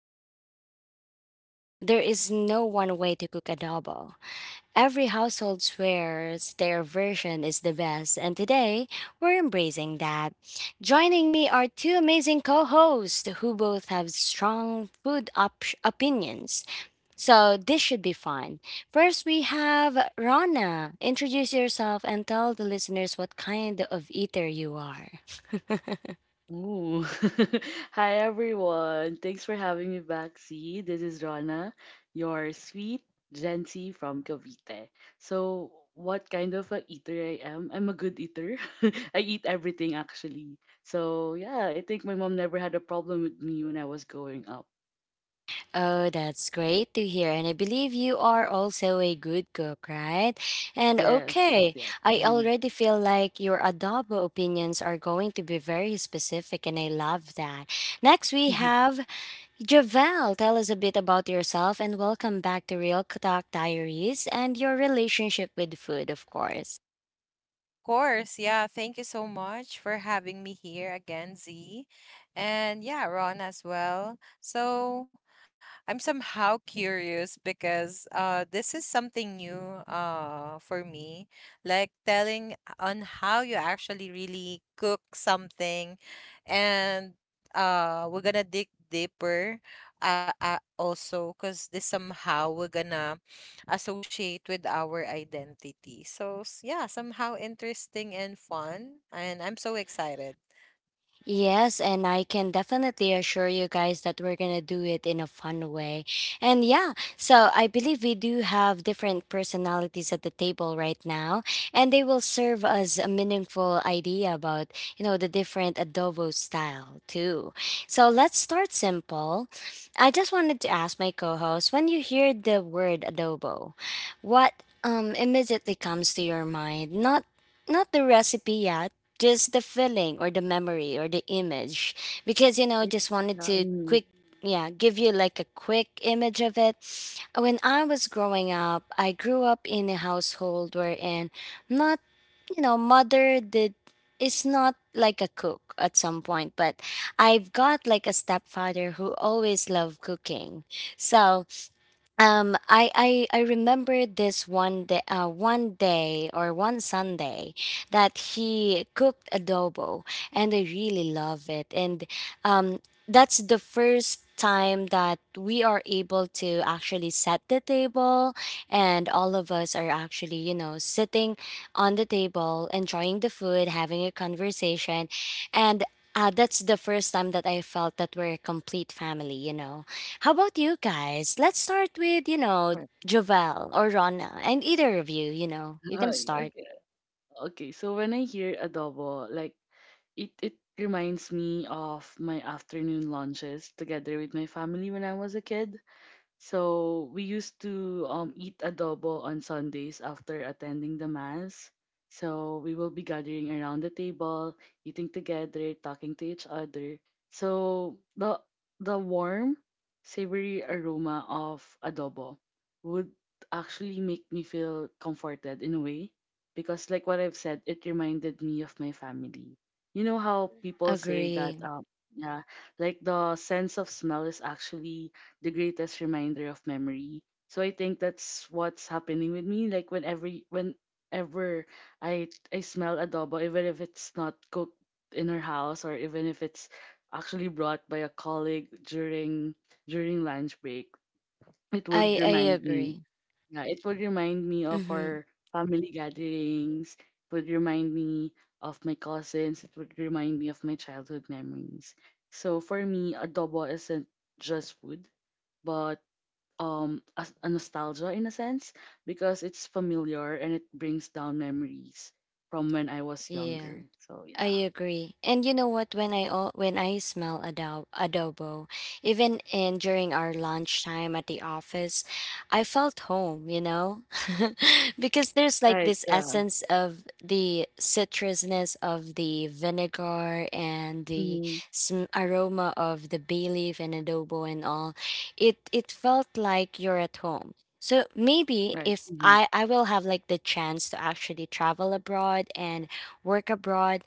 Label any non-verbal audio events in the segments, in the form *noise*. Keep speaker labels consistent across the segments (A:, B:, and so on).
A: honest, there is no one way to cook adobo. Every household swears their version is the best, and today we're embracing that. Joining me are two amazing co hosts who both have strong food opinions. So this should be fun. First, we have Rana. Introduce yourself and tell the listeners what kind of eater you are. *laughs*
B: Ooh. *laughs* Hi everyone. Thanks for having me back. See, this is Rana, your sweet Gency from Cavite. So, what kind of a eater I am? I'm a good eater. *laughs* I eat everything actually. So, yeah, I think my mom never had a problem with me when I was growing up.
A: Oh, that's great to hear. And I believe you are also a good cook, right? And
B: Yes, yes,
A: okay,
B: yes.
A: I
B: Mhm.
A: already feel like your adobo opinions are going to be very specific, and I love that. Next, we
B: *laughs*
A: have Javel, tell us a bit about yourself and welcome back to Real Talk Diaries and your relationship with food, of course.
C: Course, yeah. Thank you so much for having me here again, Z. And yeah, Ron as well. So I'm somehow curious because this is something new for me. Like telling on how you actually really cook something and we're gonna dig deeper also because this somehow we're gonna associate with our identity. Yeah, somehow interesting and fun. And I'm so excited.
A: Yes, and I can definitely assure you guys that we're gonna do it in a fun way. And yeah, so I believe we do have different personalities at the table right now, and they will serve us a meaningful idea about, you know, the different adobo style too. So let's start simple. I just wanted to ask my co-host, when you hear the word adobo, what immediately comes to your mind? Not the recipe yet, just the feeling or the memory or the image, because you know,
B: I-
A: just wanted
B: yeah,
A: to quick, yeah, give you like a quick image of it. When I was growing up, I grew up in a household wherein, not, you know, mother did, is not like a cook at some point, but I've got like a stepfather who always loved cooking. So I remember this one day, one day or one sunday that he cooked adobo and I really love it. And um that's the first time that we are able to actually set the table and all of us are actually, you know, sitting on the table enjoying the food, having a conversation. And that's the first time that I felt that we're a complete family, you know? How about you guys? Let's start with, you know,
B: Right.
A: Jovel or Rana. And either of you, you know, you can start.
B: *laughs* Okay, okay. So when I hear adobo, like it reminds me of my afternoon lunches together with my family when I was a kid. So we used to eat adobo on Sundays after attending the mass. So we will be gathering around the table, eating together, talking to each other. So the warm, savory aroma of adobo would actually make me feel comforted in a way because like what I've said, it reminded me of my family. You know how people say that
A: Agree.
B: yeah, like the sense of smell is actually the greatest reminder of memory. So I think that's what's happening with me. Like whenever I smell adobo, even if it's not cooked in our house or even if it's actually brought by a colleague during lunch break, it would
A: I
B: remind me.
A: agree.
B: Yeah, it would remind me of
A: Mm-hmm.
B: our family gatherings. It would remind me of my cousins. It would remind me of my childhood memories. So for me, adobo isn't just food, but a nostalgia in a sense because it's familiar and it brings down memories from when I was
A: Yeah.
B: younger. So
A: I
B: yeah,
A: agree. And you know what? When I when I smell adobo, adobo, even in during our lunchtime at the office, I felt home. You know, *laughs* because there's like
B: right,
A: this
B: yeah,
A: essence of the citrusness of the vinegar and the
B: mm-hmm.
A: aroma of the bay leaf and adobo and all. It felt like you're at home. So maybe
B: Right,
A: if
B: mm-hmm.
A: I will have like the chance to actually travel abroad and work abroad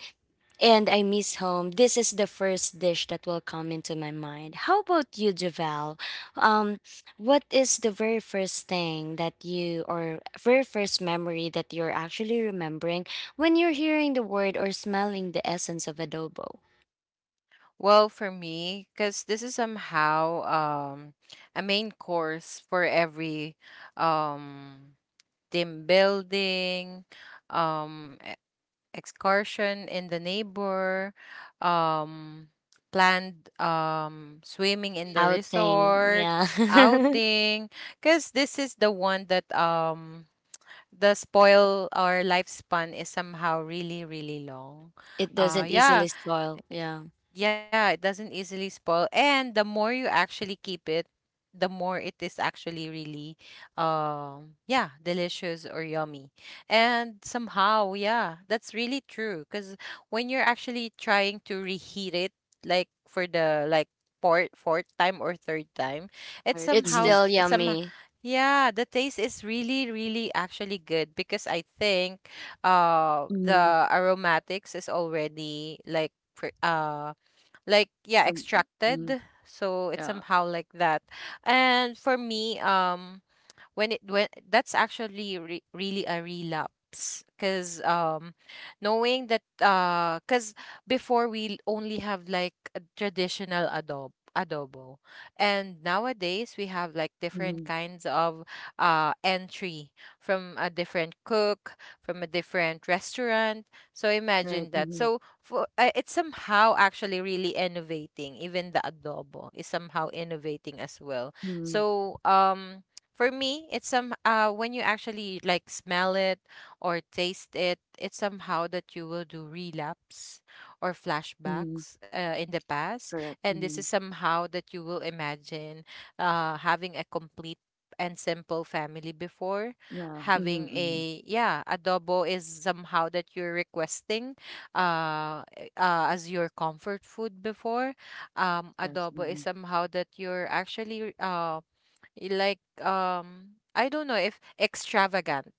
A: and I miss home, this is the first dish that will come into my mind. How about you, Javel? Um, what is the very first thing that you, or very first memory that you're actually remembering when you're hearing the word or smelling the essence of adobo?
C: Well, for me, because this is somehow a main course for every um, team building, um, excursion in the neighbor, um, planned swimming in the
A: Outing,
C: resort,
A: yeah. *laughs*
C: outing, because this is the one that the spoil or lifespan is somehow really, really long.
A: It doesn't
C: Yeah.
A: easily spoil, yeah.
C: Yeah, it doesn't easily spoil. And the more you actually keep it, the more it is actually really yeah, delicious or yummy. And somehow, yeah, that's really true cuz when you're actually trying to reheat it like for the like fourth time or third time, it's
B: Right,
A: It's
C: somehow
B: mm-hmm.
C: s-
A: still
C: some
A: yummy.
C: yeah, the taste is really really actually good because I think
B: Mm-hmm.
C: the aromatics is already like like yeah
B: from mm-hmm.
C: extracted, so it's
B: Yeah,
C: somehow like that. And for me when it when that's actually really a relapse because knowing that because before we only have like a traditional adobo and nowadays we have like different
B: mm-hmm.
C: kinds of entry from a different cook, from a different restaurant. So
B: Right,
C: imagine that.
B: mm-hmm.
C: So for it's somehow actually really innovating. Even the adobo is somehow innovating as well.
B: Mm-hmm.
C: So for me, it's some when you actually like smell it or taste it, it's somehow that you will do relapse or
B: Mm-hmm.
C: flashbacks in the
B: Correct,
C: past,
B: mm-hmm.
C: and this is somehow that you will imagine having a complete and simple family before.
B: Yeah, mm-hmm.
C: Having
B: Mm-hmm.
C: a yeah, adobo is somehow that you're requesting as your comfort food before.
B: Yes,
C: Adobo is
B: mm-hmm.
C: somehow that you're actually like I don't know if extravagant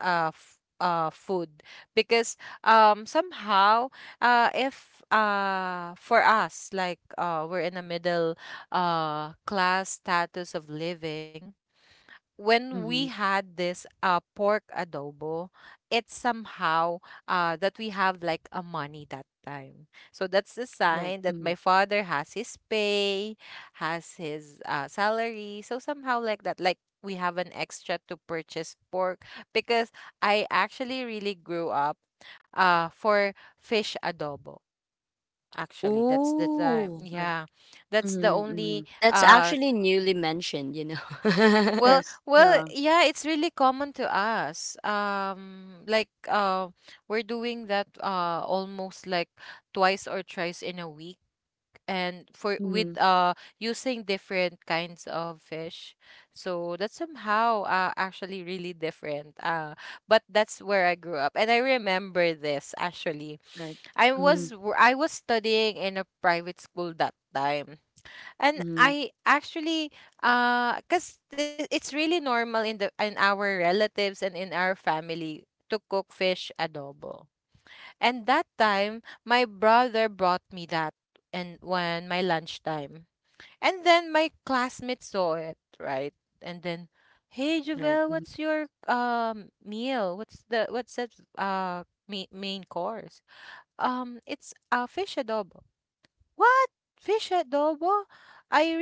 C: food because somehow if for us like we're in a middle class status of living. When we
B: Mm-hmm.
C: had this pork adobo, it's somehow that we have like a money that time. So that's the
B: Right,
C: sign that
B: mm-hmm.
C: my father has his pay, has his salary. So somehow like that, like we have an extra to purchase pork, because I actually really grew up for fish adobo. Actually, that's the time.
A: Ooh,
B: Right,
C: Yeah, that's the
B: mm-hmm. Mm-hmm.
C: only
A: that's
C: uh
A: actually newly mentioned, you know.
B: Yes, yeah,
C: yeah, it's really common to us. Like we're doing that almost like twice or thrice in a week, and for
B: mm-hmm.
C: with using different kinds of fish. So that's somehow actually really different. But that's where I grew up, and I remember this actually.
B: Right, mm-hmm.
C: I was studying in a private school that time. And
B: Mm-hmm.
C: I actually, cause it's really normal in the in our relatives and in our family to cook fish adobo. And that time, my brother brought me that, and when my lunchtime, and then my classmate saw it, right? And then, hey,
B: Right,
C: Javel,
B: mm-hmm.
C: what's your meal? What's the main course? It's a fish adobo. What? Fish adobo?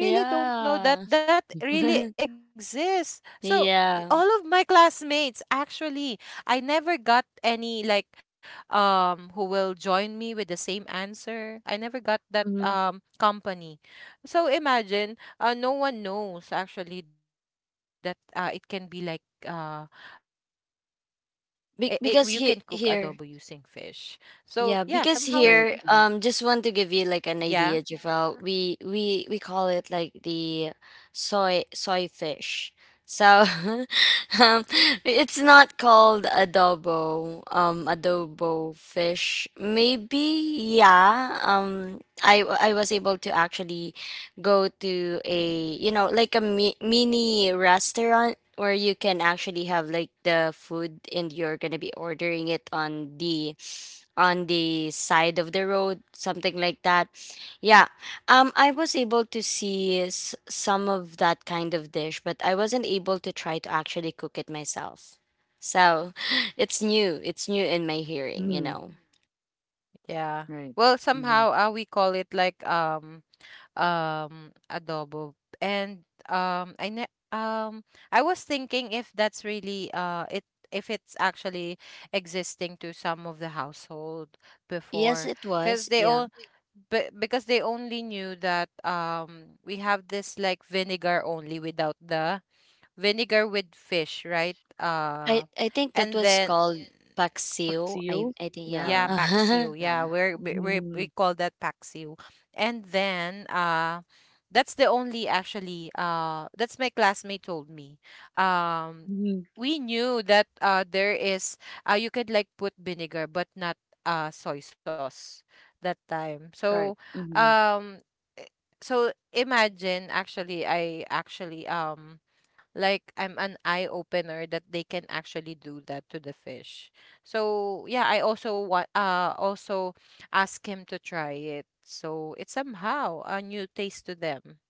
A: *laughs*
C: really don't know
A: Yeah.
C: that that really
A: *laughs*
C: exists. So
A: Yeah.
C: all of my classmates actually I never got any like who will join me with the same answer. I never got that
B: Mm-hmm.
C: company. So imagine no one knows actually that it can be like it you can cook adobo using fish. So yeah, somehow
A: Here, yeah, because
C: yeah.
B: Right.
A: here,
B: Mm-hmm.
A: um, just want to give you like an idea, Javel. We call it like the soy fish. So *laughs* um it's not called adobo, um, adobo fish. Maybe, yeah. I was able to actually go to a, you know, like a mini restaurant where you can actually have like the food and you're gonna be ordering it on the, on the side of the road, something like that, yeah. I was able to see some of that kind of dish, but I wasn't able to try to actually cook it myself. So *laughs* *sighs* it's new, it's new in my hearing, you
B: Mm-hmm.
A: know.
C: Yeah.
B: Right.
C: Well,
B: Mhm.
C: somehow we call it like adobo. And um I was thinking if that's really it if it's actually existing to some of the household
A: Yes
C: before,
A: it
C: because
A: was,
C: they
A: yeah.
C: all but because they only knew that we have this like vinegar only without the vinegar with fish, right?
A: I think that
C: And
A: was
C: then
A: called paksiw. I
B: Paksiw?
A: think, yeah.
C: yeah,
B: Yeah,
A: *laughs*
C: paksiw.
B: yeah.
C: Yeah, we we
B: Mhm,
C: call that paksiw. And then that's the only actually that's my classmate told me. Um
B: mhm.
C: we knew that there is you could like put vinegar but not soy sauce that time.
B: Right,
C: So
B: mhm.
C: um i- so imagine actually I actually like I'm an eye opener that they can actually do that to the fish. So yeah, I also want also ask him to try it. So it's somehow a new taste to them.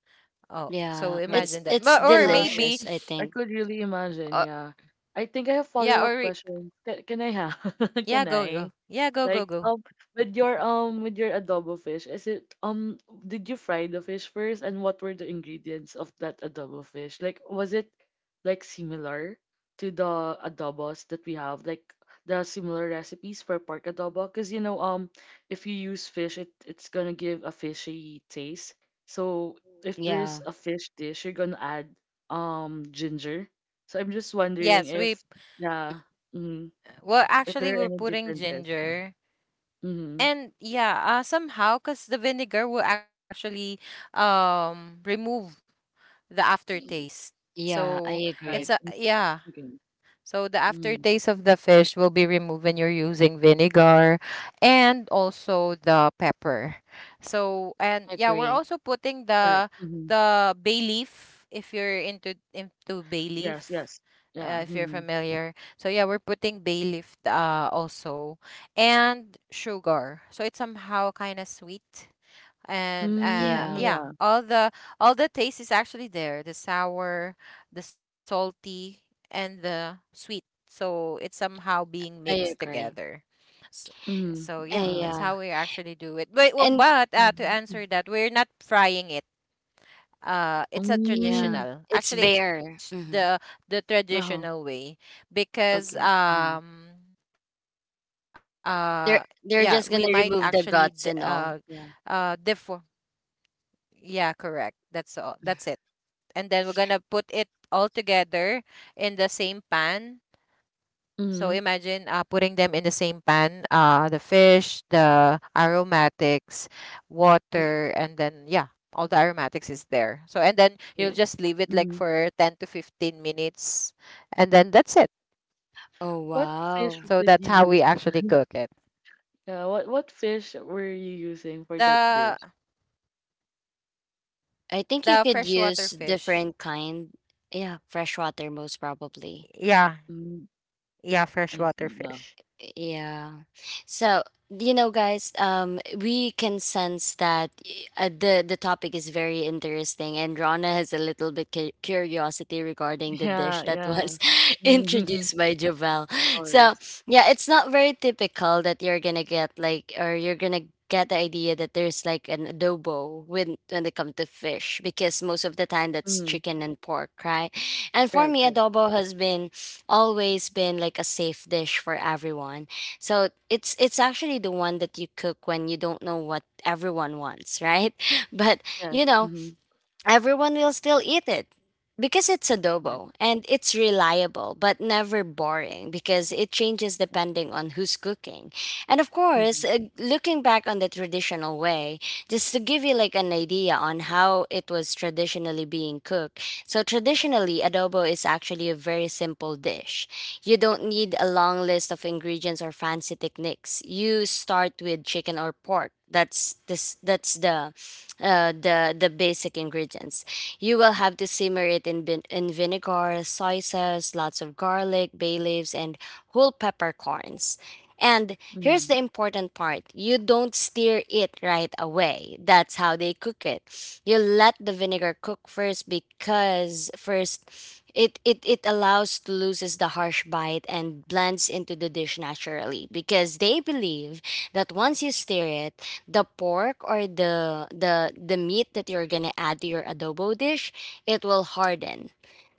C: Oh, so
A: Yeah.
B: Right.
C: imagine that.
A: It's
C: But or
B: Yeah,
C: maybe
A: delicious, I
B: I
A: think.
B: could really imagine.
C: uh,
B: Yeah. I think I have
C: yeah
B: follow-up questions. Can I have? *laughs* Can
C: yeah, go
B: I?
C: go yeah,
B: Like,
C: go.
B: with your adobo fish, is it did you fry the fish first, and what were the ingredients of that adobo fish? Like, was it like similar to the adobos that we have? Like the similar recipes for pork adobo? Because if you use fish, it's gonna give a fishy taste. So if there's
A: Yeah.
B: a fish dish, you're gonna add ginger. So I'm just wondering
C: Yes, we
B: if yeah, mm,
C: well
B: if there
C: actually
B: are
C: we're
B: any
C: putting
B: differences. Yeah.
C: ginger.
B: Mm-hmm.
C: And yeah, somehow because the vinegar will actually remove the aftertaste.
A: Yeah, I
C: So
B: Right.
C: it's
A: agree.
C: a
B: Mm.
C: yeah.
B: Okay.
C: So the
B: Mm,
C: aftertaste of the fish will be removed when you're using vinegar and also the pepper. So and yeah, we're
A: Agree.
C: also putting
B: right. Mm-hmm.
C: the bay leaf, if you're into bay
B: Yes.
C: leaf.
B: Yes. Yeah.
C: If you're
B: Mm-hmm.
C: familiar. So yeah, we're putting bay leaf also, and sugar. So it's somehow kind of sweet, and
B: Mm,
A: Yeah,
B: yeah.
C: yeah, all the taste is actually there: the sour, the salty, and the sweet. So it's somehow being
A: I
C: mixed
A: agree.
C: together. So,
B: Mm,
C: so yeah,
A: And
B: yeah.
C: that's
A: yeah.
C: how we actually do it. But well,
A: And
C: but to
A: mhm, mm.
C: answer that, we're not frying it. It's a
A: Yeah,
B: Mm,
C: traditional,
A: it's
C: actually. It's
A: bare. Hmm.
C: the
B: uh-huh.
C: traditional way, because
B: Okay. Mm,
C: uh yeah, we might
A: They're
C: actually
A: just gonna remove the guts and all.
C: differ.
A: Yeah.
C: Yeah, correct. That's all. That's it. And then we're gonna put it all together in the same pan. So
B: mm,
C: imagine putting them in the same pan, the fish, the aromatics,
A: Mm.
C: water, and then yeah, all the aromatics is there. So and then
A: Yeah.
C: you'll just leave it like
B: mm.
C: for 10 to 15 minutes, and then that's it.
A: Oh
B: What fish
A: wow.
C: So
B: did
C: that's
B: you
C: how we
B: use?
C: actually cook it.
B: Yeah. What fish were you using for that
C: The
B: dish?
A: I think you
C: the
A: could
C: freshwater
A: use
C: fish.
A: different kind. Yeah, fresh water most probably.
C: Yeah,
B: Mm,
C: yeah,
B: I
C: freshwater
B: see. Yeah.
C: fish.
A: Yeah. So, you know, guys, we can sense that the topic is very interesting, and Rana has a little bit curiosity regarding
B: *laughs*
A: the dish
B: Yeah.
A: that
B: Yeah.
A: was *laughs* introduced
B: *laughs*
A: by Javel. So,
B: Ours.
A: yeah, it's not very typical that you're gonna get like, or you're gonna get the idea that there's like an adobo when it comes to fish, because most of the time that's
B: Mm.
A: chicken and pork, right? And for
B: Right,
A: me,
B: correct.
A: adobo has been always been like a safe dish for everyone. So it's actually the one that you cook when you don't know what everyone wants, right? *laughs* But
B: Yes.
A: you know,
B: Mhm.
A: everyone will still eat it because it's
B: Right.
A: adobo and it's reliable but never boring because it changes depending on who's cooking. And of course,
B: Mhm.
A: looking back on the traditional way, just to give you like an idea on how it was traditionally being cooked. So traditionally, adobo is actually a very simple dish. You don't need a long list of ingredients or fancy techniques. You start with chicken or pork. That's the the basic ingredients. You will have to simmer it in, in vinegar, soy sauce, lots of garlic, bay leaves, and whole peppercorns. And here's
B: Mhm.
A: the important part, you don't stir it right away. That's how they cook it. You let the vinegar cook first, because first it, it allows to loses the harsh bite and blends into the dish naturally, because they believe that once you stir it, the pork or the the meat that you're gonna add to your adobo dish, it will harden.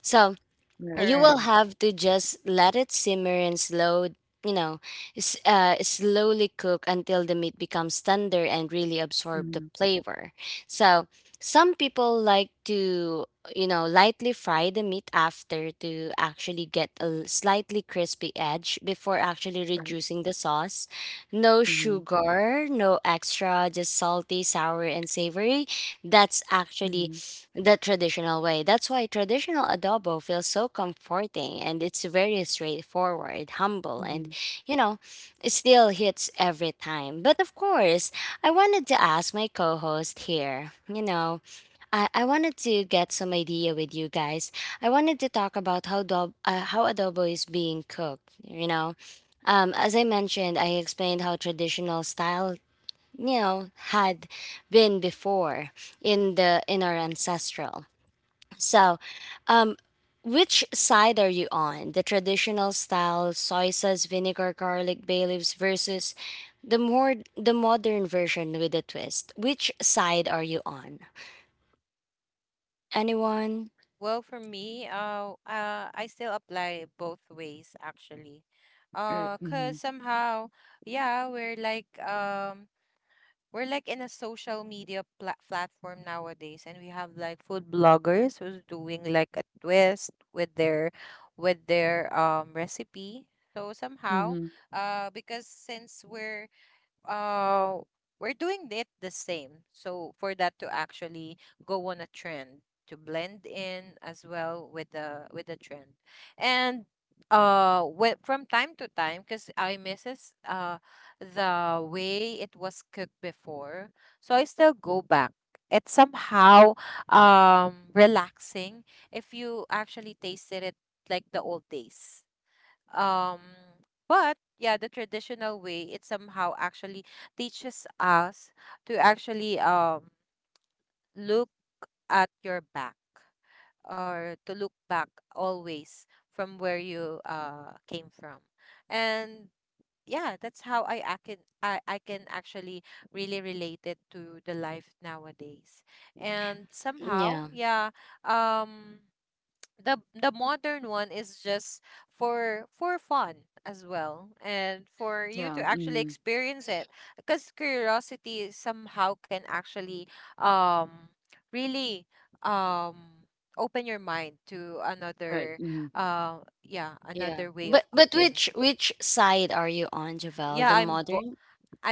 A: So
B: Right.
A: you will
B: Mhm.
C: Correct.
A: have to just let it simmer and slow, you know, slowly cook until the meat becomes tender and really absorb the
B: Mhm.
A: flavor. So some people like to, you know, lightly fry the meat after to actually get a slightly crispy edge before actually
B: Right.
A: reducing the sauce. No
B: Mhm.
A: sugar, no extra, just salty, sour, and savory. That's actually
B: Mhm.
A: the traditional way. That's why traditional adobo feels so comforting, and it's very straightforward, humble, and,
B: Mhm.
A: you know, it still hits every time. But of course, I wanted to ask my co host here, you know, I wanted to get some idea with you guys. I wanted to talk about how, how adobo is being cooked, you know. As I mentioned, I explained how traditional style, you know, had been before in the in our ancestral. So um, which side are you on, the traditional style soy sauce vinegar garlic bay leaves, versus the more the modern version with a twist? Which side are you on, anyone?
C: Well, for me, I still apply both ways actually.
B: Right.
C: Cause
B: Mhm.
C: somehow, yeah, we're like in a social media platform nowadays, and we have like food bloggers who's doing like a twist with their recipe. So somehow,
B: Mhm.
C: because since uh we're doing it the same. So for that to actually go on a trend, to blend in as well with the trend. And from time to time, because I misses the way it was cooked before. So I still go back. It's somehow relaxing if you actually tasted it like the old days. Um, but yeah, the traditional way it somehow actually teaches us to actually look at your back or to look back always from where you came from. And yeah, that's how I can actually really relate it to the life nowadays. And somehow,
A: Yeah,
C: yeah, um the modern one is just for fun as well, and for you
B: Yeah.
C: to actually
B: Mhm.
C: experience it because curiosity somehow can actually um really um open your mind to
B: Right.
C: another
B: Mhm.
C: uh yeah,
A: yeah,
C: another way of
A: but
C: cooking.
A: which side are you on, Javel, the
C: yeah i'm bo-
A: modern?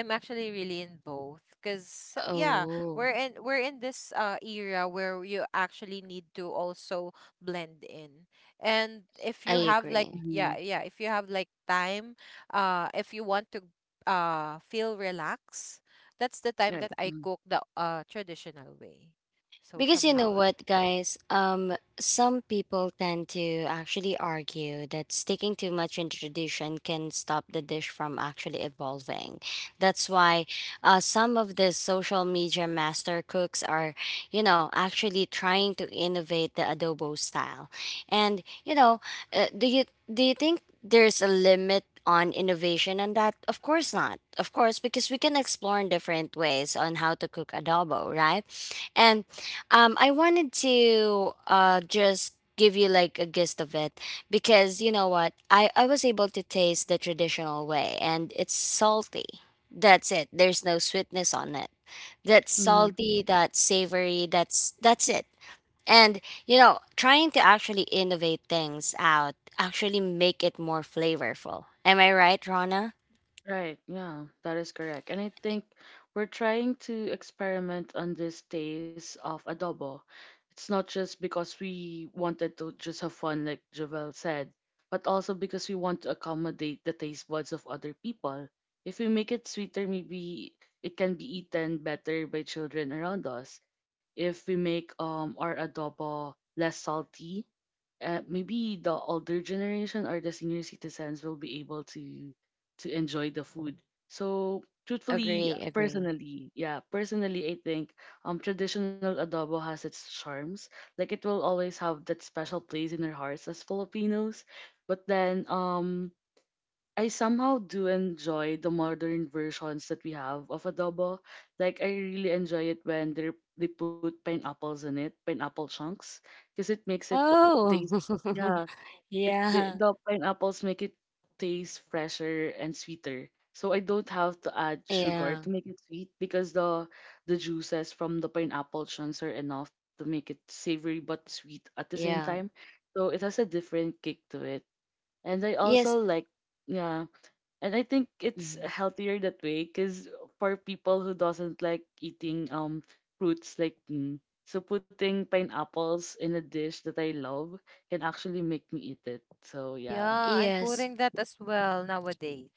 C: I'm actually really in both because yeah,
A: Oh.
C: we're in this era where you actually need to also blend in. And if
A: I
C: you have like
A: agree.
B: Mhm.
C: yeah, yeah, if you have like time, if you want to feel relaxed, that's the
B: Right.
C: time that I
B: Mm.
C: cook the traditional way. So
A: Because you know
C: somehow like
A: what, guys, some people tend to actually argue that sticking too much in tradition can stop the dish from actually evolving. That's why some of the social media master cooks are, you know, actually trying to innovate the adobo style. And, you know, do you, do you think there's a limit on innovation on that? Of course not. Of course, because we can explore in different ways on how to cook adobo, right? And I wanted to just give you like a gist of it, because you know what, I was able to taste the traditional way, and it's salty, that's it, there's no sweetness on it. That's
B: Mhm.
A: salty, that's savory, that's it. And you know, trying to actually innovate things out actually make it more flavorful. Am I right, Rana?
B: Right, yeah, that is correct. And I think we're trying to experiment on this taste of adobo. It's not just because we wanted to just have fun, like Javel said, but also because we want to accommodate the taste buds of other people. If we make it sweeter, maybe it can be eaten better by children around us. If we make our adobo less salty, maybe the older generation or the senior citizens will be able to enjoy the food. So truthfully,
A: Agree, agree.
B: personally, yeah, personally, I think traditional adobo has its charms. Like it will always have that special place in our hearts as Filipinos. But then I somehow do enjoy the modern versions that we have of adobo. Like I really enjoy it when they put pineapples in it, pineapple chunks, because it makes it
A: Oh.
B: taste.
A: *laughs*
B: Yeah, it
A: Yeah.
B: the pineapples make it taste fresher and sweeter. So I don't have to add sugar
A: Yeah.
B: to make it sweet because the juices from the pineapple chunks are enough to make it savory but sweet at the same
A: Yeah.
B: time. So it has a different kick to it, and I
A: Yes.
B: also like yeah, and I think it's
A: Mhm.
B: healthier that way because for people who doesn't like eating fruits like me, so putting pineapples in a dish that I love can actually make me eat it. So yeah,
C: yeah, I'm
A: Yes.
C: putting that as well nowadays.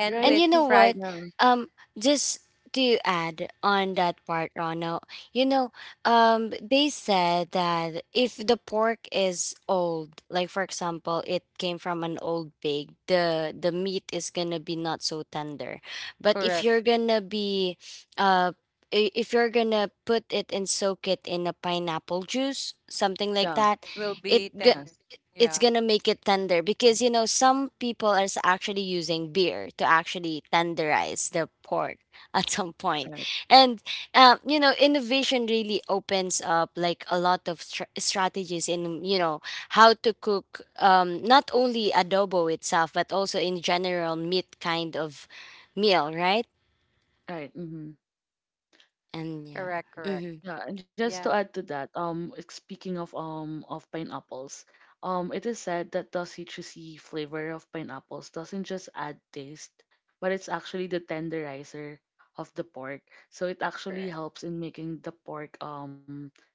C: And
A: And
B: right?
A: you
C: with
A: know what?
C: fried
B: Yeah,
A: Um, just to add on that part, Rono, you know, they said that if the pork is old, like for example, it came from an old pig, the meat is gonna be not so tender. But if
C: correct
A: you're gonna be, uh, if you're gonna put it and soak it in a pineapple juice, something like
B: yeah,
A: that,
C: will
A: it,
C: be tender.
B: yes,
A: it's
C: Yeah,
A: gonna make it tender, because you
C: tender.
A: know some people are actually using beer to actually tenderize the pork *laughs* at some point.
B: right,
A: And you know, innovation really opens up like a lot of strategies in, you know, how to cook not only adobo itself but also in general meat kind of meal, right?
B: right. Mhm.
A: And yeah.
C: Correct,
A: Hmm.
C: correct.
B: Yeah, and just to
C: Yeah.
B: add to that, like, speaking of pineapples, it is said that the citrusy flavor of pineapples doesn't just add taste, but it's actually the tenderizer of the pork. So it actually
C: Correct.
B: helps in making the pork um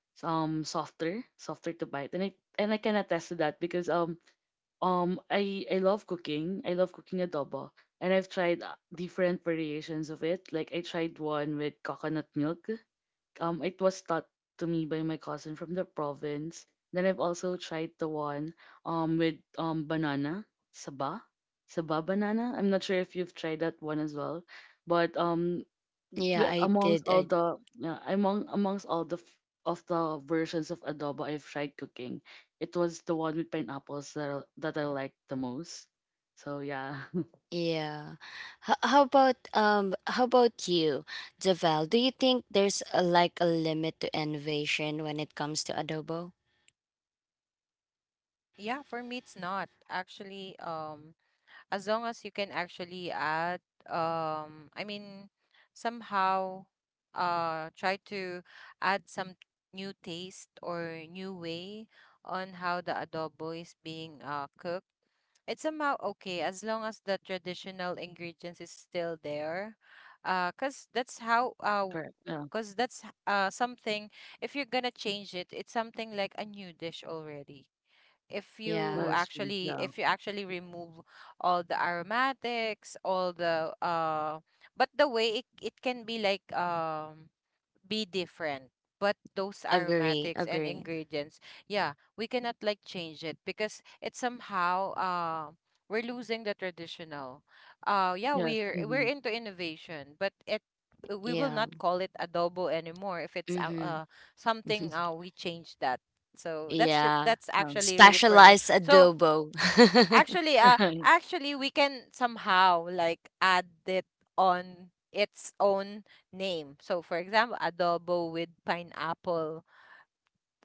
B: um softer, softer to bite. And I can attest to that because um I love cooking. I love cooking adobo. And I've tried different variations of it. Like I tried one with coconut milk, it was taught to me by my cousin from the province. Then I've also tried the one with banana, saba, saba banana. I'm not sure if you've tried that one as well, but
A: Yeah,
B: wi-
A: I
B: amongst
A: did.
B: all
A: I.
B: the yeah, amongst all the versions of adobo I've tried cooking, it was the one with pineapples that that I liked the most. So yeah, *laughs*
A: Yeah. How about you, Javel? Do you think there's a limit to innovation when it comes to adobo?
C: Yeah, for me it's not. Actually, as long as you can actually add I mean somehow try to add some new taste or new way on how the adobo is being cooked. It's somehow okay as long as the traditional ingredients is still there. Cause that's how
B: correct. Yeah,
C: because that's something if you're gonna change it, it's something like a new dish already if
B: that
A: Yeah.
C: you
B: is true. Yeah.
C: actually remove all the aromatics all the but the way it can be like be different, but those
A: Agree,
C: aromatics and
A: agree.
C: ingredients yeah, we cannot like change it because it's somehow we're losing the traditional yeah,
B: Yes. Mm-hmm.
C: we're into innovation, but it we will
A: Yeah.
C: not call it adobo anymore if it's
A: Mhm.
C: something
A: *laughs*
C: we change that. So that's it,
A: Yeah.
C: that's
B: Yeah.
C: actually really for me
A: Specialized
C: so.
A: adobo.
C: Actually,
B: *laughs*
C: actually, we can somehow like add it on its own name. So, for example, adobo with pineapple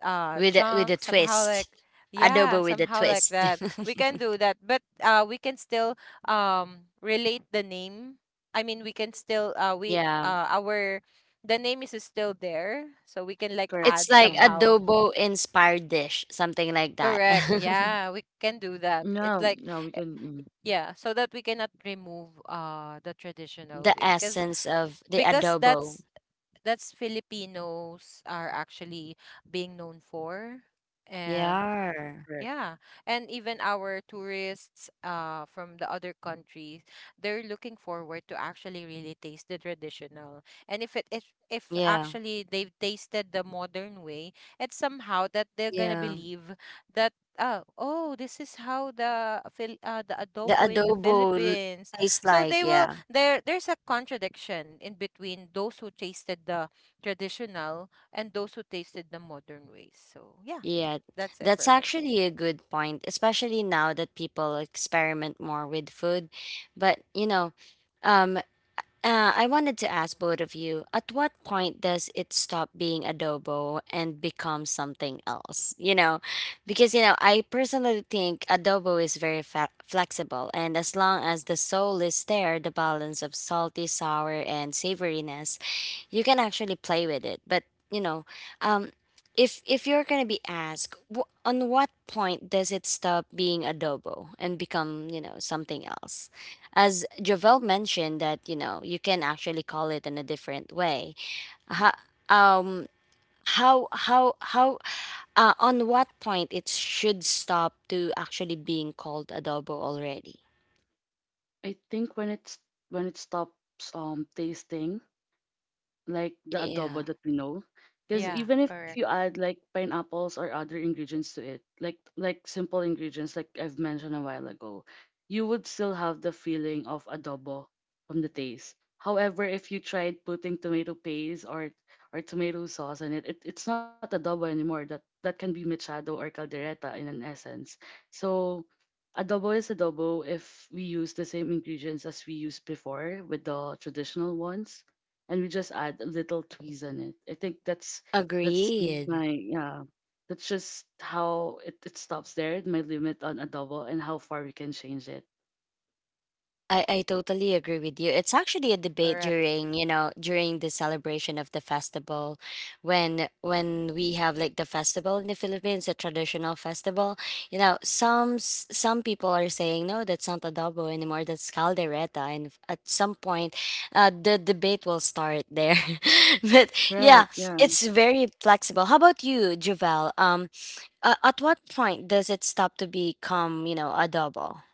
A: *laughs* With a
C: chunk. Somehow,
A: twist.
C: like yeah,
A: Adobo with a
C: somehow like
A: twist.
C: that. We can do
A: *laughs*
C: that, but we can still relate the name. I mean, we can still we
A: Yeah.
C: our the name is still there, so we can like
B: Correct.
A: It's
C: add
B: Yeah.
A: like
C: somehow.
A: adobo inspired dish, something like that.
C: Correct.
A: *laughs*
C: Yeah, we can do that. It's
B: No,
C: like.
B: no, we can. Mm.
C: Yeah, so that we cannot remove the traditional
A: The
C: way cuz
A: essence of the
C: because
A: adobo.
C: that's Filipinos are actually being known for and
A: Yeah.
B: Correct.
C: yeah, and even our tourists from the other countries, they're looking forward to actually really taste the traditional. And if it if
A: Yeah,
C: actually they've tasted the modern way, it's somehow that they're gonna
A: yeah.
C: believe that oh, this is how the Phil the
A: The
C: adobo in the
A: adobo l-
C: Philippines.
A: Tastes
C: So
A: like,
C: they will
A: yeah.
C: there's a contradiction in between those who tasted the traditional and those who tasted the modern ways. So yeah,
A: Yeah,
C: that's it
A: that's
C: for me.
A: actually a good point, especially now that people experiment more with food. But, um, I wanted to ask both of you, at what point does it stop being adobo and become something else? You know, because, you know, I personally think adobo is flexible, and as long as the soul is there, the balance of salty, sour, and savoriness, you can actually play with it. But, you know, um, if you're going to be asked, on what point does it stop being adobo and become, you know, something else? As Javel mentioned that you know you can actually call it in a different way. How, um, how, on what point it should stop to actually being called adobo already?
B: I think when it's when it stops tasting like the adobo
A: Yeah,
B: that we know, because
C: Yeah,
B: even if you
C: correct,
B: add like pineapples or other ingredients to it, like simple ingredients like I've mentioned a while ago, you would still have the feeling of adobo from the taste. However, if you tried putting tomato paste or tomato sauce in it, it's not adobo anymore. That can be machado or caldereta in an essence. So adobo is adobo if we use the same ingredients as we used before with the traditional ones, and we just add a little tweeze on it. I think that's my
A: agreed.
B: yeah. That's just how it stops there, my limit on adobo and how far we can change it.
A: I totally agree with you. It's actually a debate
C: correct.
A: during, you know, during the celebration of the festival. When we have like the festival in the Philippines, a traditional festival, you know, some people are saying no, that's not adobo anymore, that's caldereta. At some point, the debate will start there. *laughs* But yeah,
B: Right, yeah,
A: it's very flexible. How about you, Javel? At what point does it stop to become, you know, adobo?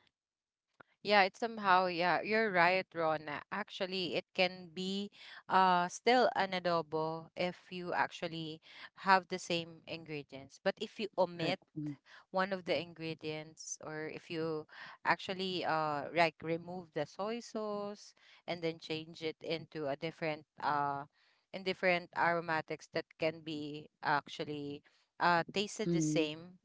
C: Yeah, it's somehow, yeah, you're right, Rona. Actually, it can be still an adobo if you actually have the same ingredients. But if you omit
B: right.
C: one of the ingredients or if you actually like remove the soy sauce and then change it into a different in different aromatics that can be actually tasted the
B: Mm-hmm.
C: same.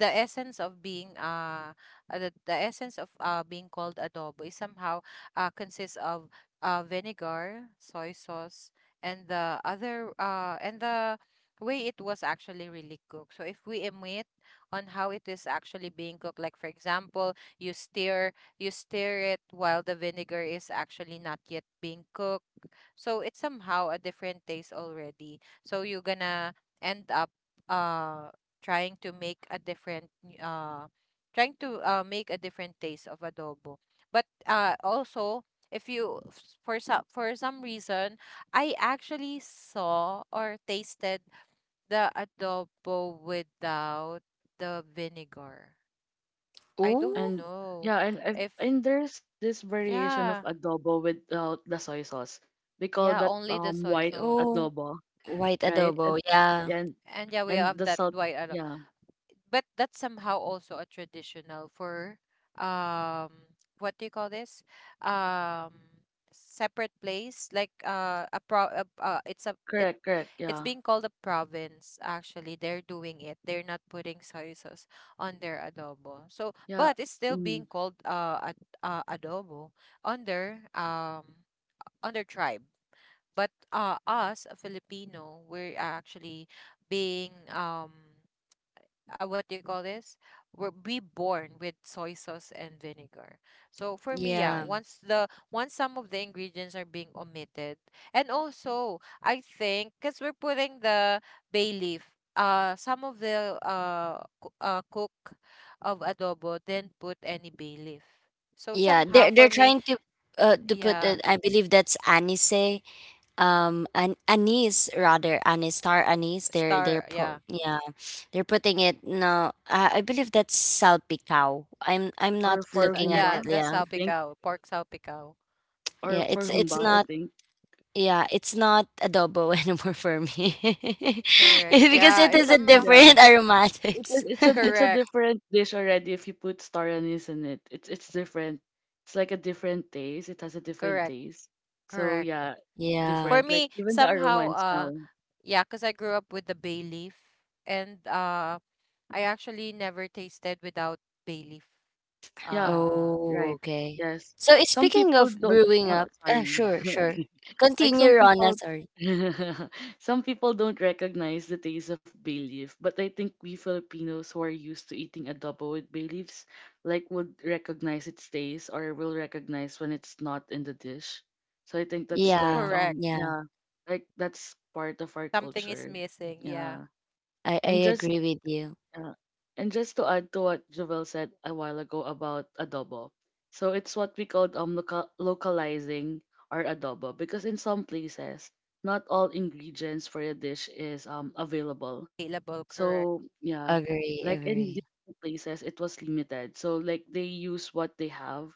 C: The essence of being the essence of being called adobo is somehow consists of vinegar, soy sauce, and the other and the way it was actually really cooked. So if we omit on how it is actually being cooked, like for example, you stir you stir it while the vinegar is actually not yet being cooked. So it's somehow a different taste already. So you're gonna end up uh, trying to make a different uh trying to make a different taste of adobo, but also if you for some reason I actually saw or tasted the adobo without the vinegar. I
A: Ooh,
B: And
C: don't
B: yeah,
C: know
B: and
C: if.
B: and there's this variation of
C: Yeah.
B: adobo without the soy sauce. They call
C: Yeah,
B: that
C: only the soy
B: white
C: sauce.
A: ooh.
B: adobo.
A: White
B: Right?
C: Y-
A: adobo. Yeah.
B: And
C: and yeah,
B: and
C: we
B: the
C: have
B: salt,
C: that white
B: yeah,
C: adobo, but that's somehow also a traditional for um what do you call this, um separate place like a pro it's a it
B: correct, correct,
C: it's
B: yeah,
C: being called a province. Actually, they're doing it, they're not putting soy sauce on their adobo, so
B: yeah,
C: but it's still
B: mm,
C: being called adobo on their um on their tribe. But us a Filipino, we're actually being what do you call this? We're we born with soy sauce and vinegar. So for me, yeah,
B: right.
A: Yeah.
C: once the once some of the ingredients are being omitted, and also I think because we're putting the bay leaf, some of the cook of adobo didn't put any bay leaf. So
A: Yeah.
C: somehow
A: They're
C: for
A: they're
C: me,
A: trying to put
C: yeah,
A: it, I believe that's anise. An anise rather anise, star anise. They're
C: star, yeah,
A: pro yeah. They're putting it. No, I believe that's salpicao. I'm
B: Or
A: not
B: for
C: so,
A: looking at
C: yeah,
A: it,
B: humba,
C: that's
B: I
A: yeah.
B: think,
C: salpicao, pork salpicao.
B: or
A: Yeah,
B: for
A: it's
B: humba, I
A: not
B: think.
A: Yeah, it's not adobo *laughs* anymore for me. *laughs*
C: Correct.
A: Because
C: Yeah,
A: it
B: Okay,
C: it's
A: has a
C: somehow
B: yeah,
A: different aromatics.
B: it's
A: *laughs*
B: a
C: correct,
B: different dish already if you put star anise in it. It's different. It's like a different taste. It has a different
C: correct.
B: taste. So
C: Correct.
B: yeah,
A: Yeah.
C: For
B: different. Like
C: me,
B: even the aroma
C: somehow,
B: and smell.
C: yeah, because I grew up with the bay leaf, and I actually never tasted without bay leaf.
B: Yeah,
C: Uh,
A: Oh,
B: right.
A: okay.
B: Yes.
A: So eh,
B: Some
A: speaking
B: people
A: of
B: don't.
A: growing
B: Oh,
A: up ah,
B: sorry.
A: sure, sure.
B: *laughs* Like some
A: Continue, Rona,
B: people
A: sorry.
B: *laughs* some people don't recognize the taste of bay leaf, but I think we Filipinos who are used to eating adobo with bay leaves, like would recognize its taste or will recognize when it's not in the dish. So I think that's like
A: Yeah,
C: correct.
A: yeah.
B: yeah, like that's part of our
C: Something is
B: culture.
C: missing. Yeah,
B: Yeah.
A: I
B: And
A: I
B: just
A: agree with you.
B: yeah. And just to add to what Jovel said a while ago about adobo. So it's what we called local, localizing our adobo because in some places not all ingredients for a dish is available.
C: available.
B: So
C: Correct.
B: yeah, like
A: Agree,
B: in
A: agree.
B: different places it was limited. So like they use what they have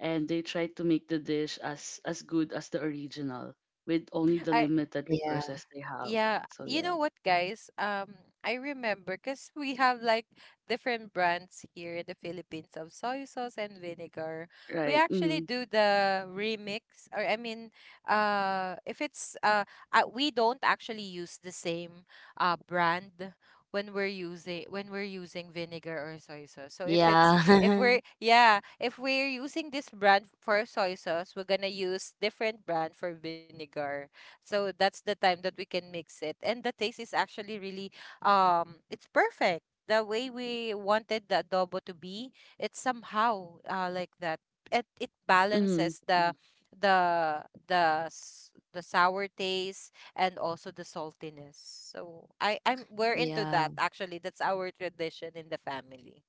B: and they try to make the dish as good as the original with only the
C: I.
B: limited
A: Yeah.
B: resources they have.
C: Yeah,
B: So
C: you know
B: yeah,
C: what, guys? I remember because we have like different brands here in the Philippines of soy sauce and vinegar. We
B: right.
C: actually
B: Mm-hmm.
C: do the remix, or I mean, if it's we don't actually use the same brand when we're using vinegar or soy sauce. So if it's,
A: Yeah.
C: if we're yeah, if we're using this brand for soy sauce, we're gonna use different brand for vinegar, so that's the time that we can mix it. And the taste is actually really it's perfect. The way we wanted the adobo to be, it's somehow like that. It
B: Mm-hmm.
C: balances
B: Mm-hmm.
C: the the sour taste and also the saltiness. So I'm,
A: *laughs*
C: we're into
A: Yeah.
C: that actually. That's our tradition in the family.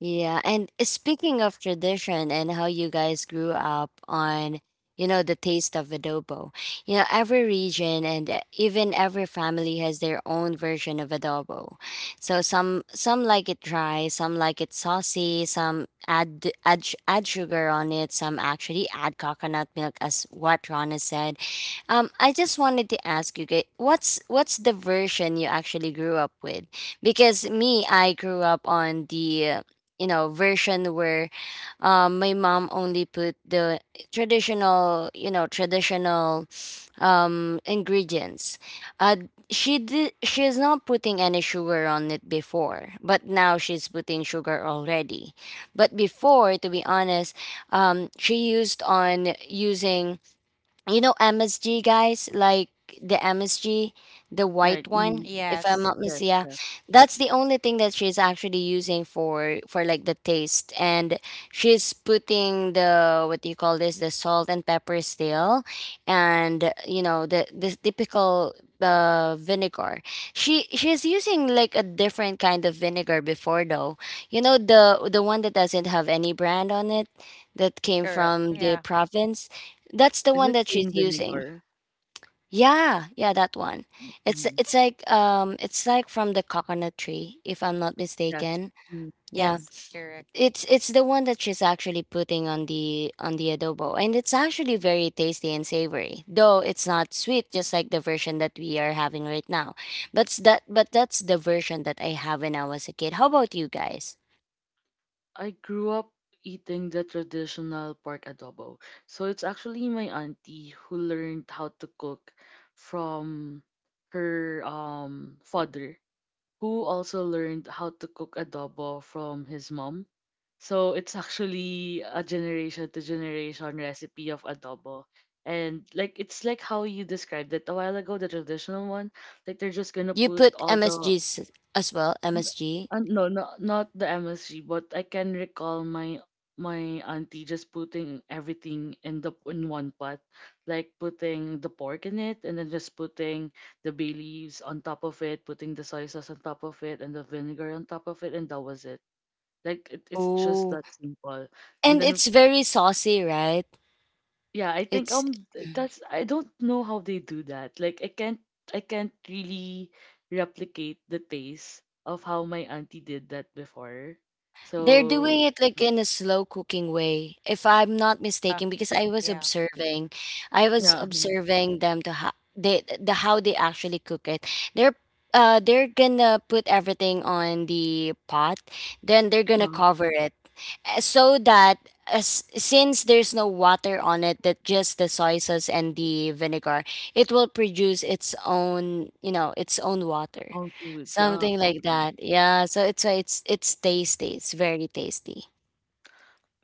A: Yeah, and speaking of tradition and how you guys grew up on, you know, the taste of adobo. You know, every region and even every family has their own version of adobo. So some like it dry, some like it saucy, some add sugar on it, some actually add coconut milk as what Rana said. I just wanted to ask you, what's the version you actually grew up with? Because me, I grew up on the you know version where my mom only put the traditional, you know, traditional ingredients. Uh, she is not putting any sugar on it before, but now she's putting sugar already. But before, to be honest, she used on using you know MSG guys, like the MSG, the white
B: Right. Mhm.
A: one, if
C: Yes,
A: I'm not
B: Yes,
A: mistaken. Yeah.
B: yes.
A: That's the only thing that she's actually using for like the taste. And she's putting the what do you call this? The salt and pepper still, and you know the typical vinegar. She's using like a different kind of vinegar before though. You know the one that doesn't have any brand on it that came
C: correct.
A: from
C: Yeah.
A: the province. That's the
B: Is
A: one
B: it
A: that she's
B: cane
A: using.
B: vinegar?
A: Yeah, yeah, that one.
B: Mhm.
A: It's like from the coconut tree, if I'm not
B: Yes.
A: mistaken.
B: Mm.
A: Yeah.
C: Yes, correct.
A: It's the one that she's actually putting on the adobo. And it's actually very tasty and savory. Though it's not sweet, just like the version that we are having right now. But that's the version that I have when I was a kid. How about you guys?
B: I grew up eating the traditional pork adobo. So it's actually my auntie who learned how to cook from her father. Who also learned how to cook adobo from his mom. So it's actually a generation to generation recipe of adobo. And like it's like how you described it a while ago, the traditional one. Like they're just gonna
A: You
B: put
A: put
B: all the
A: MSGs as well, MSG.
B: no, no, not the MSG, but I can recall my my auntie just putting everything in the in one pot, like putting the pork in it, and then just putting the bay leaves on top of it, putting the soy sauce on top of it, and the vinegar on top of it, and that was it. It's just
A: Oh.
B: that simple. And
A: And
B: then
A: it's very saucy, right?
B: yeah, I think
A: It's
B: that's I don't know how they do that. Like I can't really replicate the taste of how my auntie did that before.
A: They're doing
B: So
A: it like in a slow cooking way, if I'm not
C: Uh,
A: mistaken, because
C: yeah.
A: I was
B: yeah, mhm,
A: observing them to how they the how they actually cook it. They're they're gonna put everything on the pot, then they're
B: yeah,
A: gonna cover it, so that as since there's no water on it, that just the soy sauce and the vinegar, it will produce its own you know its own water.
B: all foods. Yeah,
A: Something like
B: okay,
A: that. Yeah, so it's why it's tasty. It's very tasty.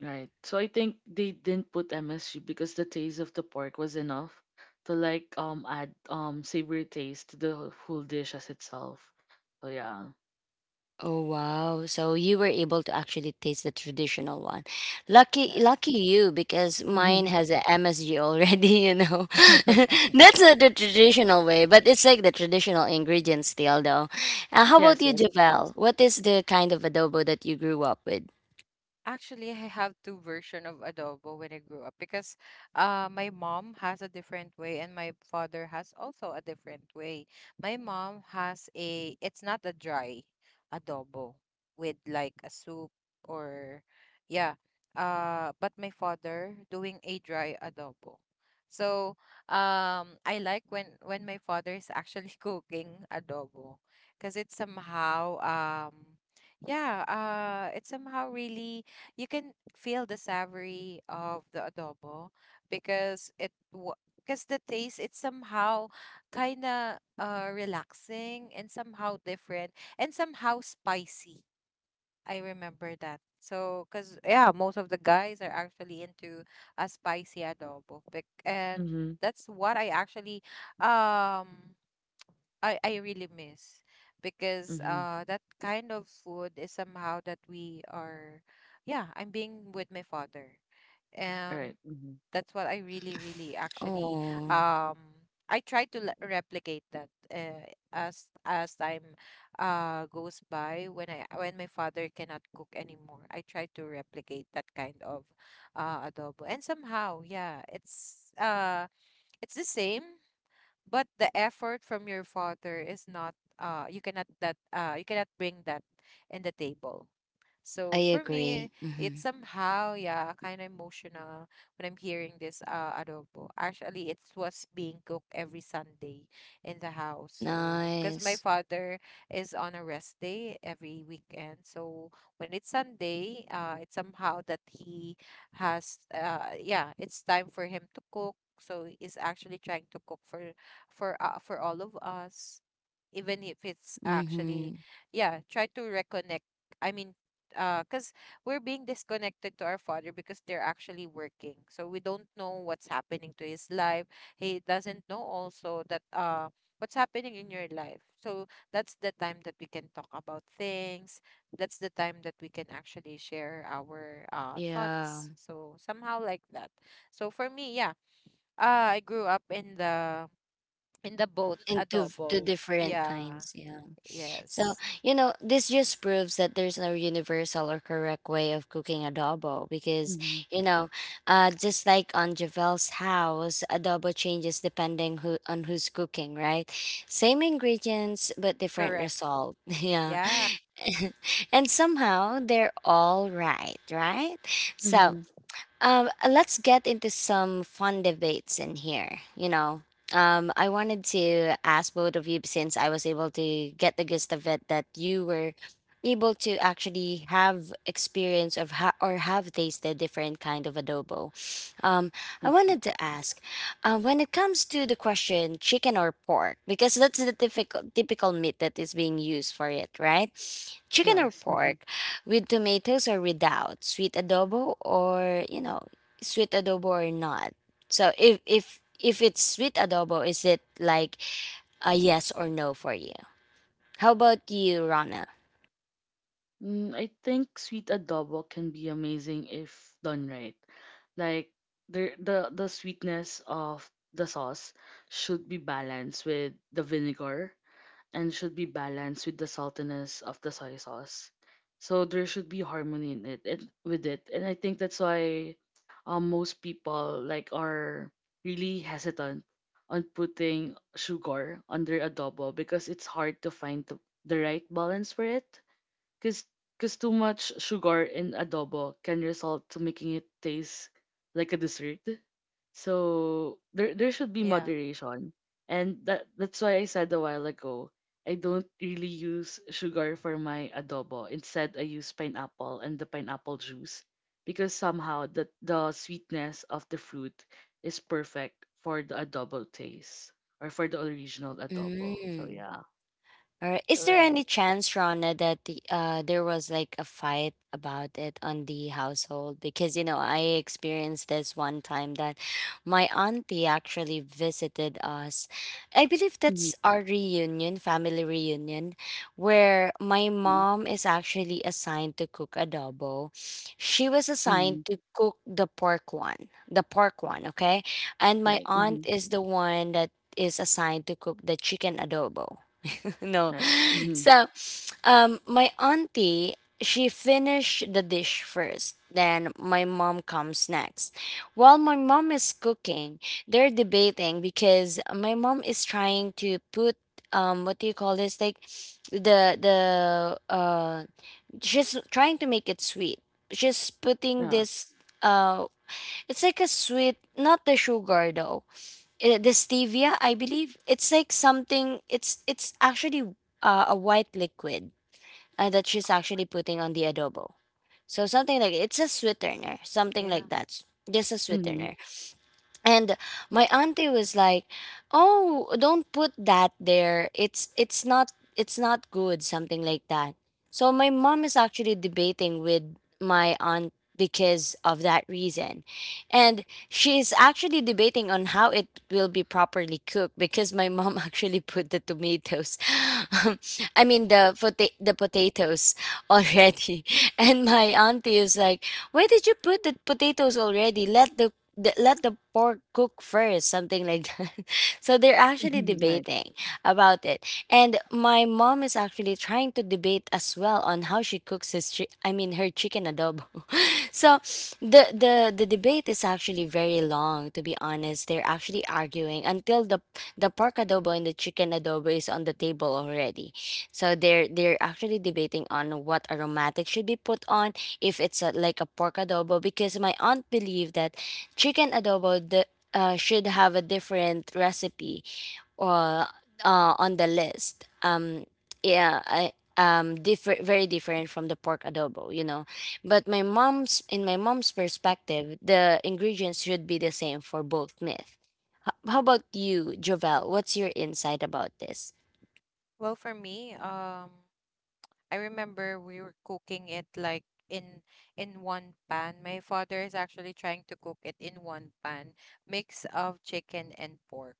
B: right. So I think they didn't put MSG because the taste of the pork was enough to like add savory taste to the full dish as itself. So yeah,
A: Oh wow. So you were able to actually taste the traditional one. Lucky
B: yes,
A: lucky you because mine has
B: *laughs*
A: a MSG already, *laughs* you know. *laughs* That's not the traditional way, but it's like the traditional ingredients still though. How about
B: yes,
A: you,
B: yes, of course.
A: Javel? What is the kind of adobo that you grew up with?
C: Actually, I have two version of adobo when I grew up because my mom has a different way and my father has also a different way. My mom has a, it's not a dry adobo, with like a soup or yeah. But my father doing a dry adobo. So I like when my father is actually *laughs* cooking adobo because it's somehow yeah, it's somehow really you can feel the savory of the adobo because it because the taste, it's somehow kind of relaxing and somehow different and somehow spicy. I remember that. So, cause yeah, most of the guys are actually into a spicy adobo, and
B: Mm-hmm,
C: that's what I actually um I really miss, because
B: mm-hmm.
C: that kind of food is somehow that we are yeah, I'm being with my father,
B: All
C: and
B: right. Mm-hmm.
C: that's what I really really actually
A: Oh,
C: um I try to replicate that, as time goes by. When I when my father cannot cook anymore, I try to replicate that kind of adobo, and somehow yeah, it's the same, but the effort from your father is not, you cannot, that you cannot bring that in the table.
A: I
C: So for
A: agree.
C: me,
A: Mm-hmm.
C: it's somehow, yeah, kind of emotional when I'm hearing this adobo. Actually, it was being cooked every Sunday in the house. So, because my
A: Nice.
C: father is on a rest day every weekend. So when it's Sunday, it's somehow that he has, yeah, it's time for him to cook. So he's actually trying to cook for for all of us, even if it's actually,
A: Mm-hmm.
C: yeah, try to reconnect. I mean, because we're being disconnected to our father because they're actually working, so we don't know what's happening to his life. He doesn't know also that what's happening in your life. So that's the time that we can talk about things, that's the time that we can actually share our
A: Yeah.
C: thoughts, so somehow like that. So for me yeah, I grew up in the both
A: And two two
C: adobo.
A: different
C: Yeah.
A: kinds, yeah. So,
C: Yes.
A: you know, this just proves that there's no universal or correct way of cooking adobo because,
B: Mhm,
A: you know, just like on Javel's house, adobo changes depending who's cooking, right? Same ingredients but different
C: Correct.
A: result. *laughs* Yeah.
C: Yeah.
A: *laughs* And somehow they're all right, right? So,
B: mhm,
A: let's get into some fun debates in here. You know, I wanted to ask both of you since I was able to get the gist of it that you were able to actually have experience of ha- or have tasted different kind of adobo. Um, I
B: I think.
A: wanted to ask, when it comes to the question chicken or pork, because that's the typical meat that is being used for it, right? Chicken or
B: Yes. Mhm.
A: pork, with tomatoes or without, sweet adobo or you know, sweet adobo or not. So if it's sweet adobo, is it like a yes or no for you? How about you, Rana?
B: Mm, I think sweet adobo can be amazing if done right. Like the sweetness of the sauce should be balanced with the vinegar and should be balanced with the saltiness of the soy sauce. So there should be harmony in it. And I think that's why most people like are really hesitant on putting sugar under adobo because it's hard to find the right balance for it. Because too much sugar in adobo can result to making it taste like a dessert. So there should be
C: Yeah,
B: moderation. And that's why I said a while ago, I don't really use sugar for my adobo. Instead, I use pineapple and the pineapple juice because somehow the sweetness of the fruit is perfect for the adobo taste or for the original adobo. So
A: Mm.
B: yeah.
A: Or is there
C: correct,
A: any chance, Rana, that there was like a fight about it on the household? Because, you know, I experienced this one time that my auntie actually visited us. I believe
B: Mm-hmm.
A: that's our reunion, family reunion, where my mom is actually assigned to cook adobo. She was assigned
B: Mm-hmm.
A: to cook the pork one, okay? And my
B: Right.
A: aunt is the one that is assigned to cook the chicken adobo. *laughs* No,
B: Right. Mhm.
A: so, my auntie, she finished the dish first. Then my mom comes next. While my mom is cooking, they're debating because my mom is trying to put what do you call this, like the she's trying to make it sweet. She's putting
B: Yeah.
A: this uh it's like a sweet, not the sugar though. Eh, the stevia, I believe. It's like something, it's actually a white liquid that she's actually putting on the adobo. So something like it's a sweetener, something
C: yeah.
A: like that. Just a
B: Mhm.
A: sweetener. And my auntie was like, oh, don't put that there, it's not good, something like that. So my mom is actually debating with my aunt because of that reason, and she's actually debating on how it will be properly cooked because my mom *laughs* actually put the tomatoes, *laughs* I mean the potatoes already. *laughs* And my auntie is like, where did you put the potatoes already, let the, let the pork cook first, something like that. *laughs* So they're actually
B: *laughs* Right.
A: debating about it. And my mom is actually trying to debate as well on how she cooks I mean her chicken adobo. *laughs* So the debate is actually very long, to be honest. They're actually arguing until the pork adobo and the chicken adobo is on the table already. So they're actually debating on what aromatic should be put on if it's a, like a pork adobo, because my aunt believed that chicken adobo should have a different recipe uh, on the list. Different, very different from the pork adobo, you know. But my mom's perspective, the ingredients should be the same for both myth. How about you, Jovel? What's your insight about this?
C: Well, for me, I remember we were cooking it like in in one pan. My father is actually trying to cook it in one pan, mix of chicken and pork,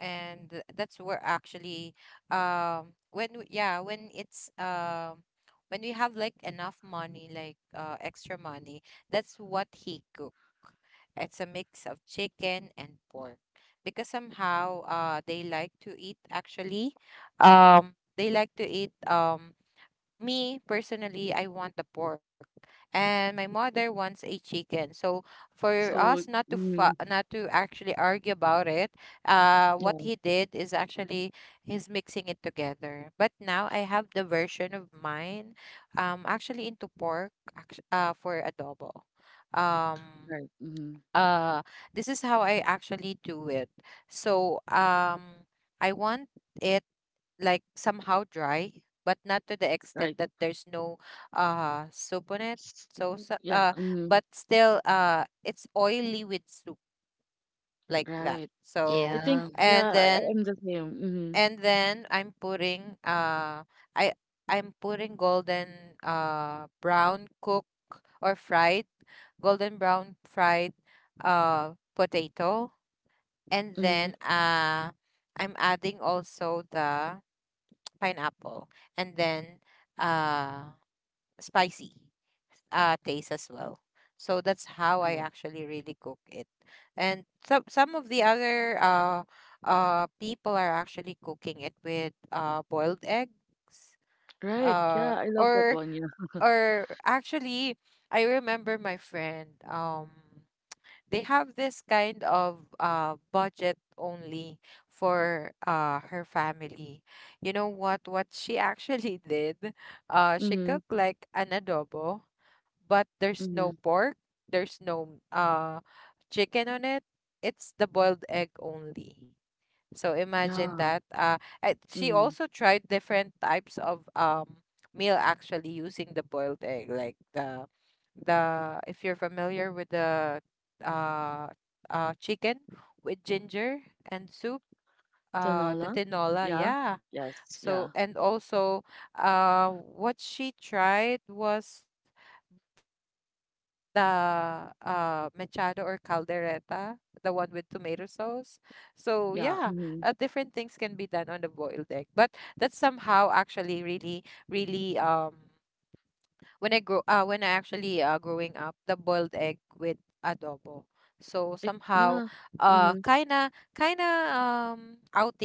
C: and that's where actually yeah, when it's when we have like enough money, like extra money, that's what he cook. It's a mix of chicken and pork, because somehow they like to eat actually, they like to eat me personally, I want the pork, and my mother wants a chicken. So for us
B: So,
C: not to
B: mhm.
C: not to actually argue about it, what
B: Yeah.
C: he did is actually he's mixing it together. But now I have the version of mine, actually into pork, for adobo. Um,
B: Right. Mhm.
C: uh, this is how I actually do it. So I want it like somehow dry, but not to the extent
B: Right.
C: that there's no soup on it.
B: S-
C: So,
B: mhm.
C: so
B: Yeah. Mhm.
C: but still it's oily with soup like that.
B: Right. I
C: So,
B: think.
A: Yeah,
C: and
B: Yeah.
C: then
B: I'm the same. Mhm.
C: I'm putting I I'm putting golden brown cook or fried golden brown fried potato, and then
B: Mhm.
C: I'm adding also the pineapple, and then uh, spicy taste as well. So that's how I
B: Right.
C: actually really cook it. And some of the other people are actually cooking it with boiled eggs.
B: Right. Yeah.
C: Uh,
B: I love that
C: or
B: one. Yeah.
C: or actually, I remember my friend. They have this kind of budget only for her family. You know what? What she actually *laughs* did, she
B: Mhm.
C: cooked like an adobo, but there's no
B: Mhm.
C: pork, there's no chicken on it. It's the boiled egg only. So imagine
B: Yeah.
C: that. She
B: Mhm.
C: also tried different types of meal actually using the boiled egg, like the if you're familiar with the uh chicken with ginger and soup,
B: Tanola.
C: the tinola,
B: Yeah.
C: yeah.
B: Yes.
C: So,
B: Yeah.
C: and also what she tried was the mechado or caldereta, the one with tomato sauce. So yeah, different things
B: Yeah.
C: can be
B: Mhm.
C: done on the boiled egg, but that's somehow actually really really when I actually growing up, the boiled egg with adobo. So
B: It,
C: somehow
B: yeah. Mhm.
C: kinda kinda outing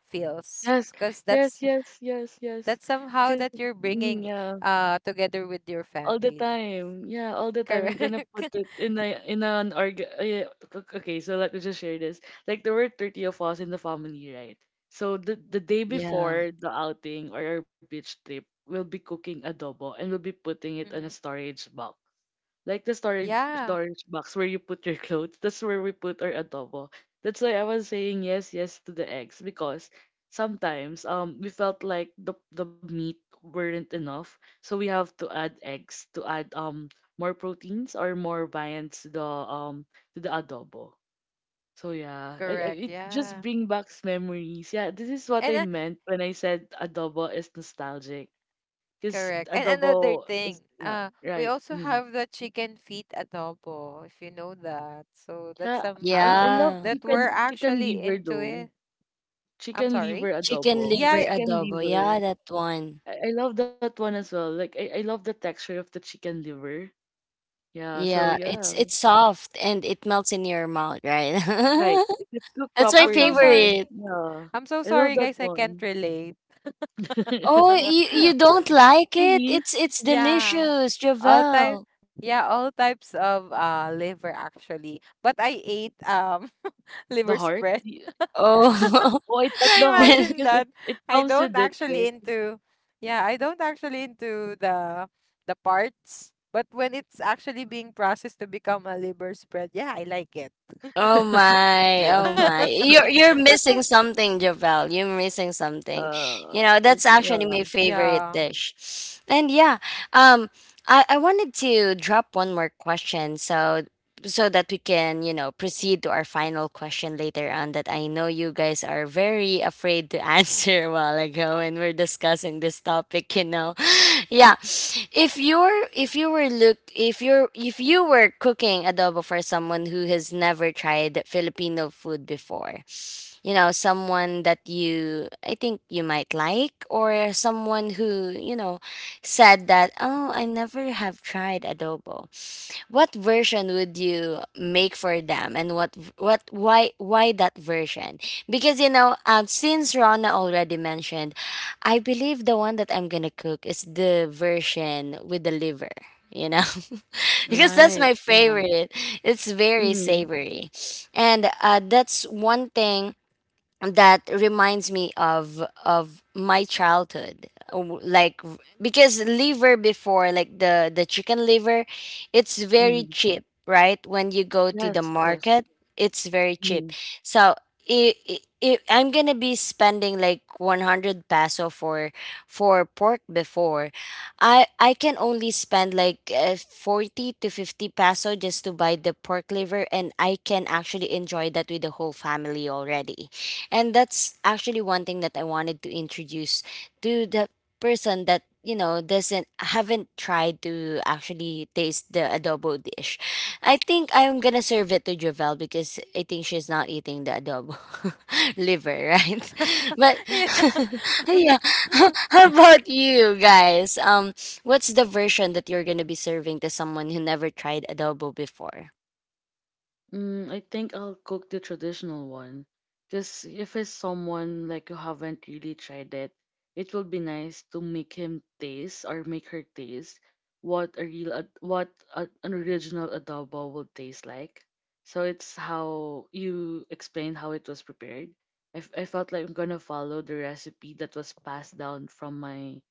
C: feels,
B: Yes.
C: because
B: Yes.
C: that's
B: Yes. Yes. Yes.
C: that's somehow
B: Cause.
C: that you're
B: Mhm,
C: bringing
B: yeah.
C: together with your
B: All the
C: family.
B: time. Yeah, all the time. You're gonna
C: Correct.
B: put
C: *laughs*
B: it in a in an org. Yeah, o- Okay, so let me just share this. Like there were 30 of us in the family, right? So the day
A: yeah.
B: before the outing or our beach trip, we'll be cooking adobo and we'll be putting it on a
C: Mm-hmm.
B: storage box. Like the storage
C: Yeah,
B: storage box where you put your clothes, that's where we put our adobo. That's why I was saying yes, yes to the eggs because sometimes we felt like the meat weren't enough, so we have to add eggs to add more proteins or more viands to the adobo. So yeah,
C: correct.
B: it just
C: Yeah.
B: bring back memories. Yeah, this is what I
C: And.
B: meant when I said adobo is nostalgic, because
C: Correct. And another
B: adobo
C: thing,
B: is yeah
C: we
B: right.
C: also
B: Mm.
C: have the chicken feet adobo, if you know that. So that
B: Yeah,
C: somehow
B: I love
A: Yeah,
C: that we're
B: chicken
C: actually
B: liver
C: into
B: though.
C: it. I'm
B: Chicken
C: sorry.
B: liver
A: chicken
B: adobo.
A: liver
C: Yeah,
B: Chicken
A: adobo. Yeah,
B: liver.
A: that one.
B: I love that one as well. Like I love the texture of the chicken liver. Yeah, so
A: Yeah,
B: yeah,
A: it's soft and it melts in your mouth, right?
B: right.
A: *laughs*
B: If it's cooked
A: That's my
C: I'm so sorry.
B: properly.
A: favorite.
B: Yeah.
C: I'm so
B: I love
C: sorry,
B: that
C: guys. I can't
B: one.
C: relate.
A: Oh, you
B: *laughs*
A: you
C: *laughs*
A: don't like
B: Really?
A: it? It's
C: Yeah,
A: delicious,
C: all
A: Javel.
C: type. Yeah, all types of liver actually. But I ate *laughs*
B: The
C: liver
B: heart?
C: spread.
B: Y- *laughs*
A: Oh,
B: Oh, I
C: *laughs*
B: thought
C: I
B: the
A: *laughs*
B: heart
A: then.
C: imagine
B: because
C: that.
B: it
C: I
B: comes
C: don't
B: with it,
C: actually
B: right?
C: into yeah, I don't actually into the parts, but when it's actually being processed to become a liver spread, yeah, I like it.
A: Oh
B: *laughs*
A: my,
C: *laughs*
A: oh
B: Yeah.
C: Yeah.
A: my. You're missing something, Javel. You're missing something.
B: Uh,
A: You know, that's actually
B: yeah.
A: my favorite dish. And yeah, um I wanted to drop one more question, so that we can, you know, proceed to our final question later on that I know you guys are very afraid to answer *laughs* a while ago when we're discussing this topic, you know. Yeah, if you're if you were look if you're if you were cooking adobo for someone who has never tried Filipino food before, you know, someone that you I think you might like, or someone who, you know, said that, oh, I never have tried adobo, what version would you make for them? And what why that version? Because, you know, since Rona already mentioned, I believe the one that I'm gonna cook is the version with the liver, you know. *laughs* Because that's
B: Right.
A: my
B: Yeah.
A: favorite. It's very
B: Mm-hmm.
A: savory, and that's one thing that reminds me of my childhood. Because liver before, like, the chicken liver, it's very
B: Mm-hmm.
A: cheap, right, when you go to the
B: Yes, yes.
A: market. It's very cheap.
B: Mhm.
A: So i i I'm gonna be spending like 100 peso for pork. Before, I can only spend like 40 to 50 peso just to buy the pork liver, and I can actually enjoy that with the whole family already. And that's actually one thing that I wanted to introduce to the person that, you know, doesn't haven't tried to actually taste the adobo dish. I think I'm gonna serve it to Jovel because I think she's not eating the adobo *laughs* liver, right?
C: *laughs* Yeah.
A: *laughs* But *laughs* yeah.
C: *laughs*
A: *laughs* How about you guys? What's the version that you're gonna be serving to someone who never tried adobo before?
B: Mm, I think I'll cook the traditional one. Because if it's someone like you haven't really tried it, it will be nice to make him taste or make her taste what an original adobo will taste like. So it's how you explain how it was prepared. I felt like I'm gonna follow the recipe that was passed down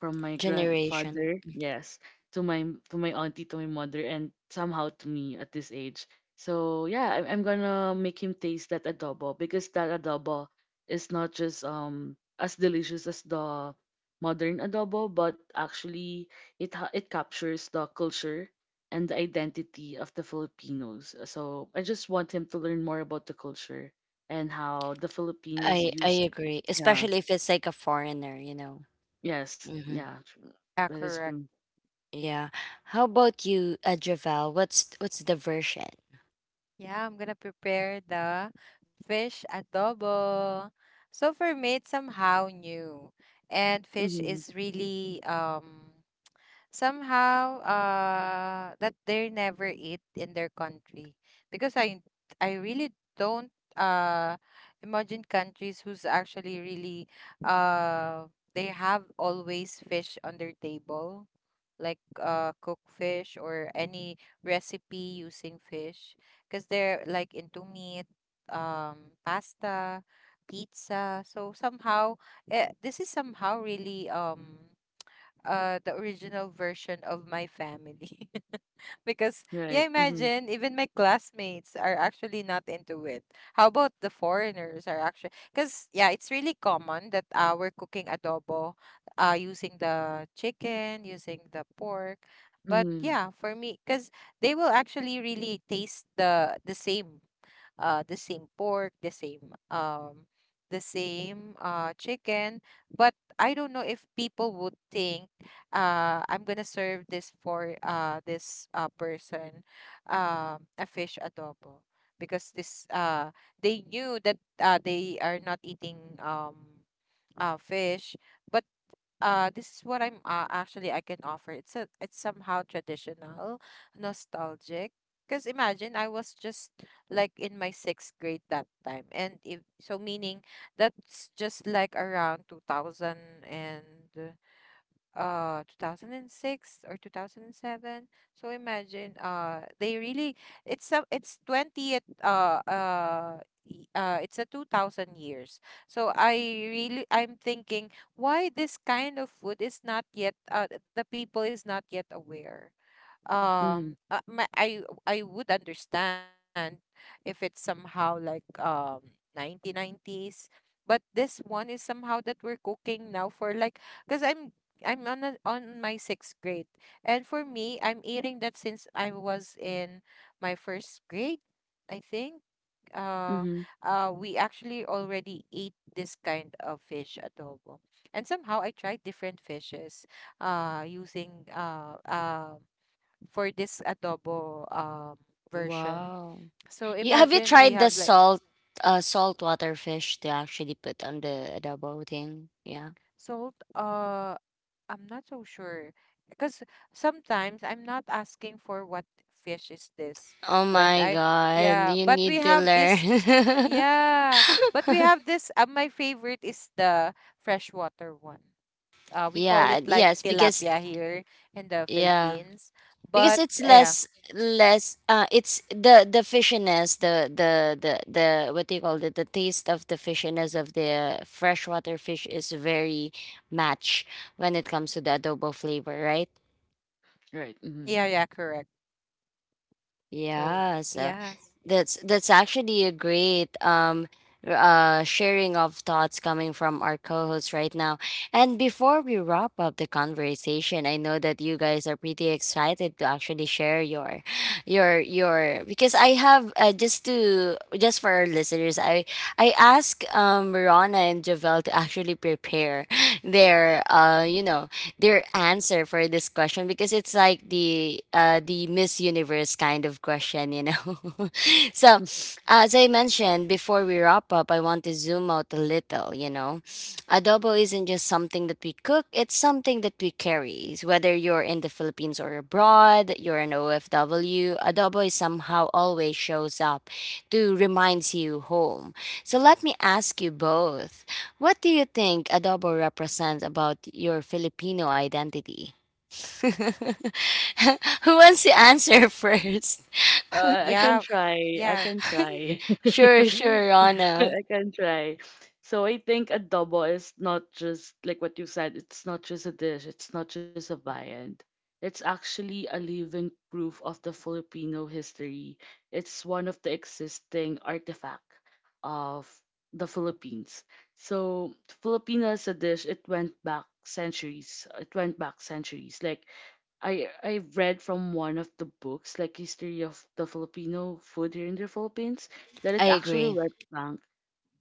B: from my
A: Generation.
B: grandfather, yes, to my to my auntie, to my mother, and somehow to me at this age so yeah, I'm gonna make him taste that adobo because that adobo is not just as delicious as the modern adobo, but actually it captures the culture and the identity of the Filipinos. So I just want him to learn more about the culture and how the Filipinos
A: I
B: use
A: agree,
B: yeah
A: especially if it's like a foreigner, you know.
B: yes
A: Hmm.
B: yeah true. That
C: Yeah,
B: is true
C: correct.
A: Yeah. How about you, Javel? What's the version?
C: Yeah, I'm gonna prepare the fish adobo. So for me, it's somehow new, and fish
B: mm-hmm.
C: is really somehow that they never eat in their country because I really don't uh imagine countries who's actually really uh they have always fish on their table like cook fish or any recipe using fish because they're like into meat, pasta, pizza. So somehow, this is somehow really the original version of my family *laughs* because yeah,
B: Right mm-hmm.
C: imagine even my classmates are actually not into it. How about the foreigners are actually? Because yeah, it's really common that we're cooking adobo using the chicken, using the pork. But
B: Mm-hmm.
C: yeah, for me, because they will actually really taste the same, the same pork, the same chicken. But I don't know if people would think, I'm gonna serve this for this person, a fish adobo, because this they knew that they are not eating fish. But this is what I'm actually I can offer. It's a it's somehow traditional, nostalgic. Because imagine I was just like in my sixth grade that time, and if so, meaning that's just like around 2000 and 2006 or 2007. So imagine they really, it's 20th it's a 2000 years. So I really I'm thinking, why this kind of food is not yet the people is not yet aware?
B: Mm-hmm.
C: I would understand if it's somehow like 1990s, but this one is somehow that we're cooking now for like, because I'm on on my sixth grade. And for me, I'm eating that since I was in my first grade, I think. uh
B: Mm-hmm.
C: we actually already ate this kind of fish adobo, and somehow I tried different fishes using for this adobo version.
A: Wow.
C: So
A: You, have you
C: imagine we
A: tried
C: have
A: the
C: like
A: saltwater fish to actually put on the adobo thing? Yeah.
C: salt. I'm not so sure because sometimes I'm not asking for what fish is this
A: Oh
C: when
A: my
C: I,
A: God,
C: yeah.
A: you
C: But we
A: need to
C: have this,
A: learn.
C: yeah. But we have
A: *laughs*
C: this. My favorite is the freshwater one. We call it
A: Yeah,
C: like
A: yes, because
C: tilapia here in the
A: yeah.
C: Philippines.
A: Because
C: But
A: it's
C: yeah,
A: less, it's the fishiness, the what do you call it, the taste of the fishiness of the freshwater fish is very match when it comes to the adobo flavor, right?
B: Right mm-hmm.
C: yeah, yeah, correct. Oh,
A: Yeah, so
C: yes.
A: that's actually a great sharing of thoughts coming from our co-hosts right now. And before we wrap up the conversation, I know that you guys are pretty excited to actually share your, because I have just to, just for our listeners, I ask Rana and Javel to actually prepare *laughs* their you know, their answer for this question because it's like the Miss Universe kind of question, you know. *laughs* So as I mentioned, before we wrap up, I want to zoom out a little, you know. Adobo isn't just something that we cook, it's something that we carry. Whether you're in the Philippines or abroad, you're an OFW, adobo is somehow always shows up to reminds you home. So let me ask you both. What do you think adobo represents about your Filipino identity? *laughs* Who wants to answer *laughs* first?
B: I can
C: Yeah,
B: try. I
C: yeah.
B: can try. *laughs*
A: Sure,
B: I
A: sure, Rana.
B: can try. So I think adobo is not just like what you said, it's not just a dish, it's not just a viand. It's actually a living proof of the Filipino history. It's one of the existing artifact of the Philippines. So Filipino as a dish, it went back centuries. It went back centuries. Like I read from one of the books, like history of the Filipino food here in the Philippines, that
A: I
B: it actually
A: agree.
B: went back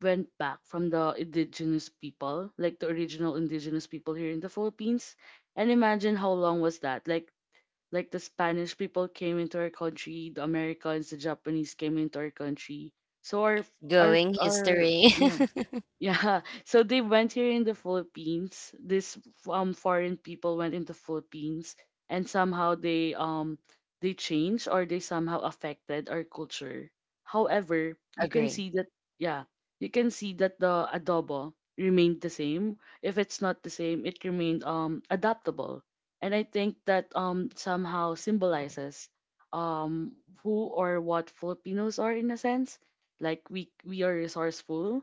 B: from the indigenous people, like the original indigenous people here in the Philippines. And imagine how long was that? Like the Spanish people came into our country, the Americans, the Japanese came into our country. So
A: Going
B: our
A: history.
B: yeah yeah, *laughs* so they went here in the Philippines. This foreign people went into Philippines and somehow they changed or they somehow affected our culture. However,
A: *laughs*
B: you can
A: Agree.
B: see that yeah, you can see that the adobo remained the same. If it's not the same, it remained adaptable. And I think that somehow symbolizes um who or what Filipinos are in a sense. Like we are resourceful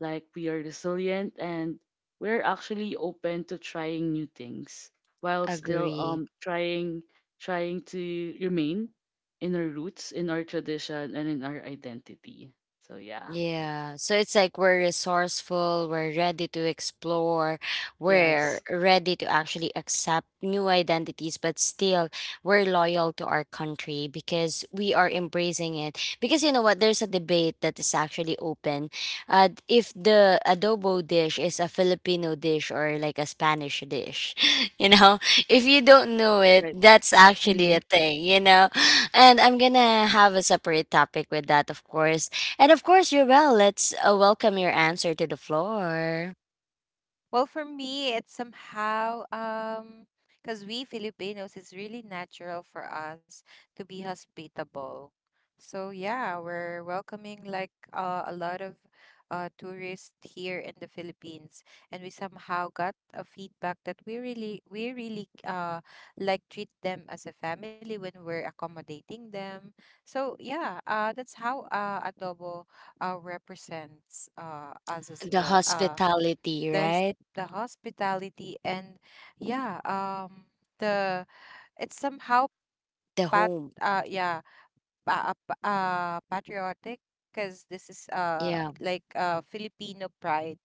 B: like we are resilient and we're actually open to trying new things while still
A: Agree.
B: trying to remain in our roots in our tradition and in our identity so yeah
A: Yeah, so it's like we're resourceful, we're ready to explore, we're
B: yes
A: ready to actually accept new identities, but still, we're loyal to our country because we are embracing it. Because, you know what, there's a debate that is actually open. If the adobo dish is a Filipino dish or like a Spanish dish, *laughs* you know, if you don't know it,
B: right
A: that's actually
B: hmm
A: a thing, you know. And I'm gonna have a separate topic with that, of course. And of course, you're well. Let's welcome your answer to the floor.
C: Well, for me, it's somehow because we Filipinos, it's really natural for us to be hospitable. So yeah, we're welcoming like a lot of tourists here in the Philippines, and we somehow got a feedback that we really, like treat them as a family when we're accommodating them. So yeah, that's how adobo represents us as
A: The
C: well. The
A: hospitality,
C: s-
A: right?
C: the hospitality and yeah, the, it's somehow
A: The
C: pat
A: home.
C: uh yeah patriotic because this is
A: Yeah,
C: like Filipino pride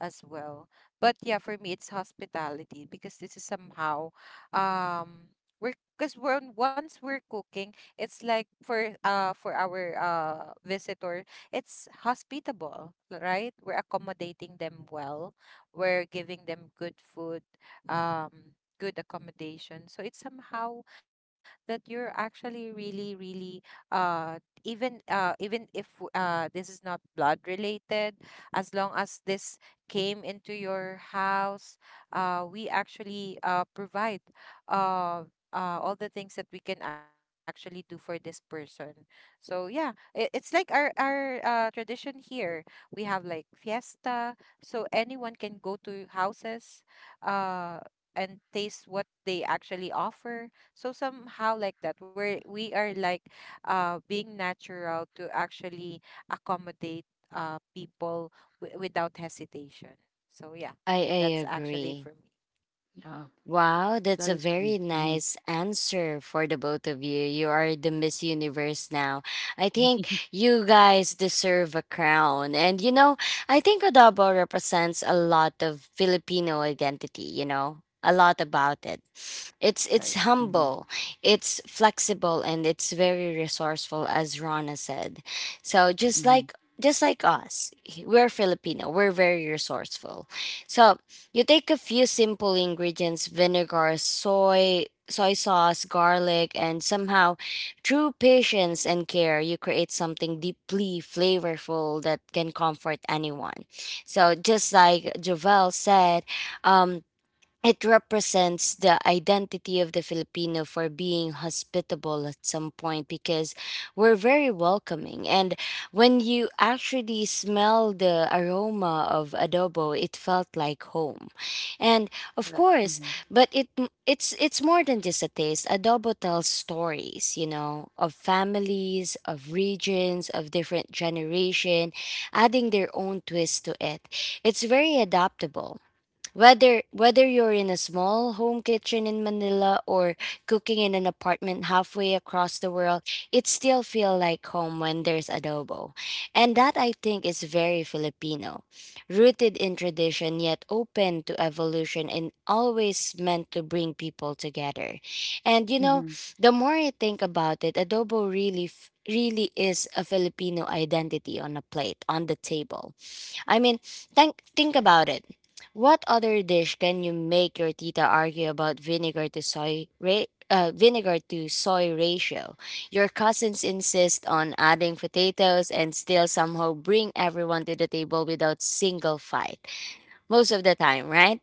C: as well. But yeah, for me, it's hospitality because this is somehow, um we're, because when once we're cooking, it's like for our visitor. It's hospitable, right? We're accommodating them well. We're giving them good food, good accommodation. So it's somehow that you're actually really, really, uh even even if this is not blood related, as long as this came into your house, we actually provide uh all the things that we can actually do for this person. So yeah, it's like our tradition here. We have like fiesta, so anyone can go to houses, uh, and taste what they actually offer. So somehow like that, where we are like being natural to actually accommodate people without hesitation. So yeah,
A: I
C: that's actually
A: agree.
C: for me.
B: yeah
A: Wow, that's
B: that
A: a
B: is true.
A: very
B: Mm-hmm.
A: nice answer for the both of you. You are the Miss Universe now. I think
B: *laughs*
A: you guys deserve a crown. And, you know, I think adobo represents a lot of Filipino identity, you know, a lot about it. It's
B: right mm-hmm.
A: humble, it's flexible, and it's very resourceful, as Rana said. So
B: Mm-hmm.
A: just like us, we're Filipino, we're very resourceful. So you take a few simple ingredients: vinegar, soy sauce, garlic, and somehow, through patience and care, you create something deeply flavorful that can comfort anyone. So, just like Jovel said, um, it represents the identity of the Filipino for being hospitable at some point, because we're very welcoming. And when you actually smell the aroma of adobo, it felt like home. And of
B: Correct
A: course,
B: mm-hmm.
A: but it it's more than just a taste. Adobo tells stories, you know, of families, of regions, of different generation, adding their own twist to it. It's very adaptable, whether you're in a small home kitchen in Manila or cooking in an apartment halfway across the world, it still feels like home when there's adobo. And that, I think, is very Filipino. Rooted in tradition yet open to evolution and always meant to bring people together. And, you know,
B: Mm-hmm.
A: the more I think about it, adobo really is a Filipino identity on a plate, on the table. I mean, think about it. What other dish can you make your tita argue about vinegar to soy ratio? Your cousins insist on adding potatoes and still somehow bring everyone to the table without single fight. Most of the time, right?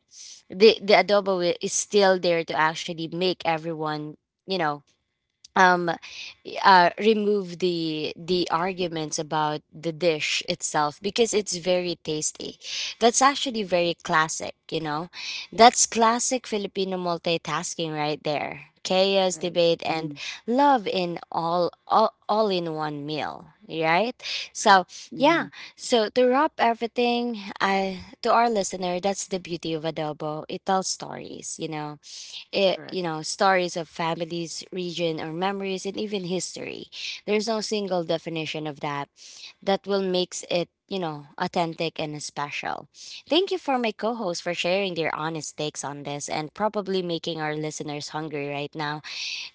A: The adobo is still there to actually make everyone, you know, um remove the arguments about the dish itself because it's very tasty. That's actually very classic, you know. That's classic Filipino multitasking right there. Chaos,
B: Right
A: debate, and
B: mm-hmm.
A: love all in one meal, right?
B: Correct
A: So
B: mm-hmm.
A: yeah. So to wrap everything, I to our listener, that's the beauty of adobo. It tells stories, you know,
B: Correct
A: you know, stories of families, region, or memories, and even history. There's no single definition of that will makes it, you know, authentic and special. Thank you for my co-host for sharing their honest takes on this and probably making our listeners hungry right now.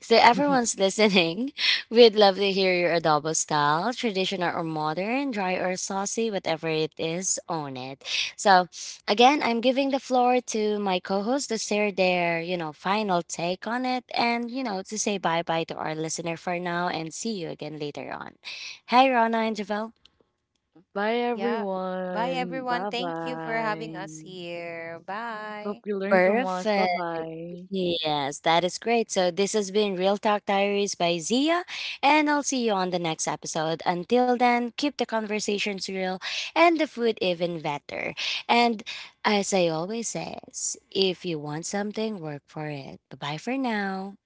A: So
B: *laughs*
A: everyone's listening. *laughs* We'd love to hear your adobo style, traditional or modern, dry or saucy, whatever it is, own it. So again, I'm giving the floor to my co-host to share their, you know, final take on it and, you know, to say bye-bye to our listener for now and see you again later on. Hey, Rana and Javel.
B: bye
C: Yeah. Bye,
B: everyone
C: everyone.
B: bye
C: Thank you for having
B: bye
C: us here.
B: hope
C: Bye.
B: you learn from us bye
A: Perfect.
B: bye
A: Yes, that is great. So this has been Real Talk Diaries by Zia, and I'll see you on the next episode. Until then, keep the conversations real and the food even better. And as I always says, if you want something, work for it. Bye-bye for now.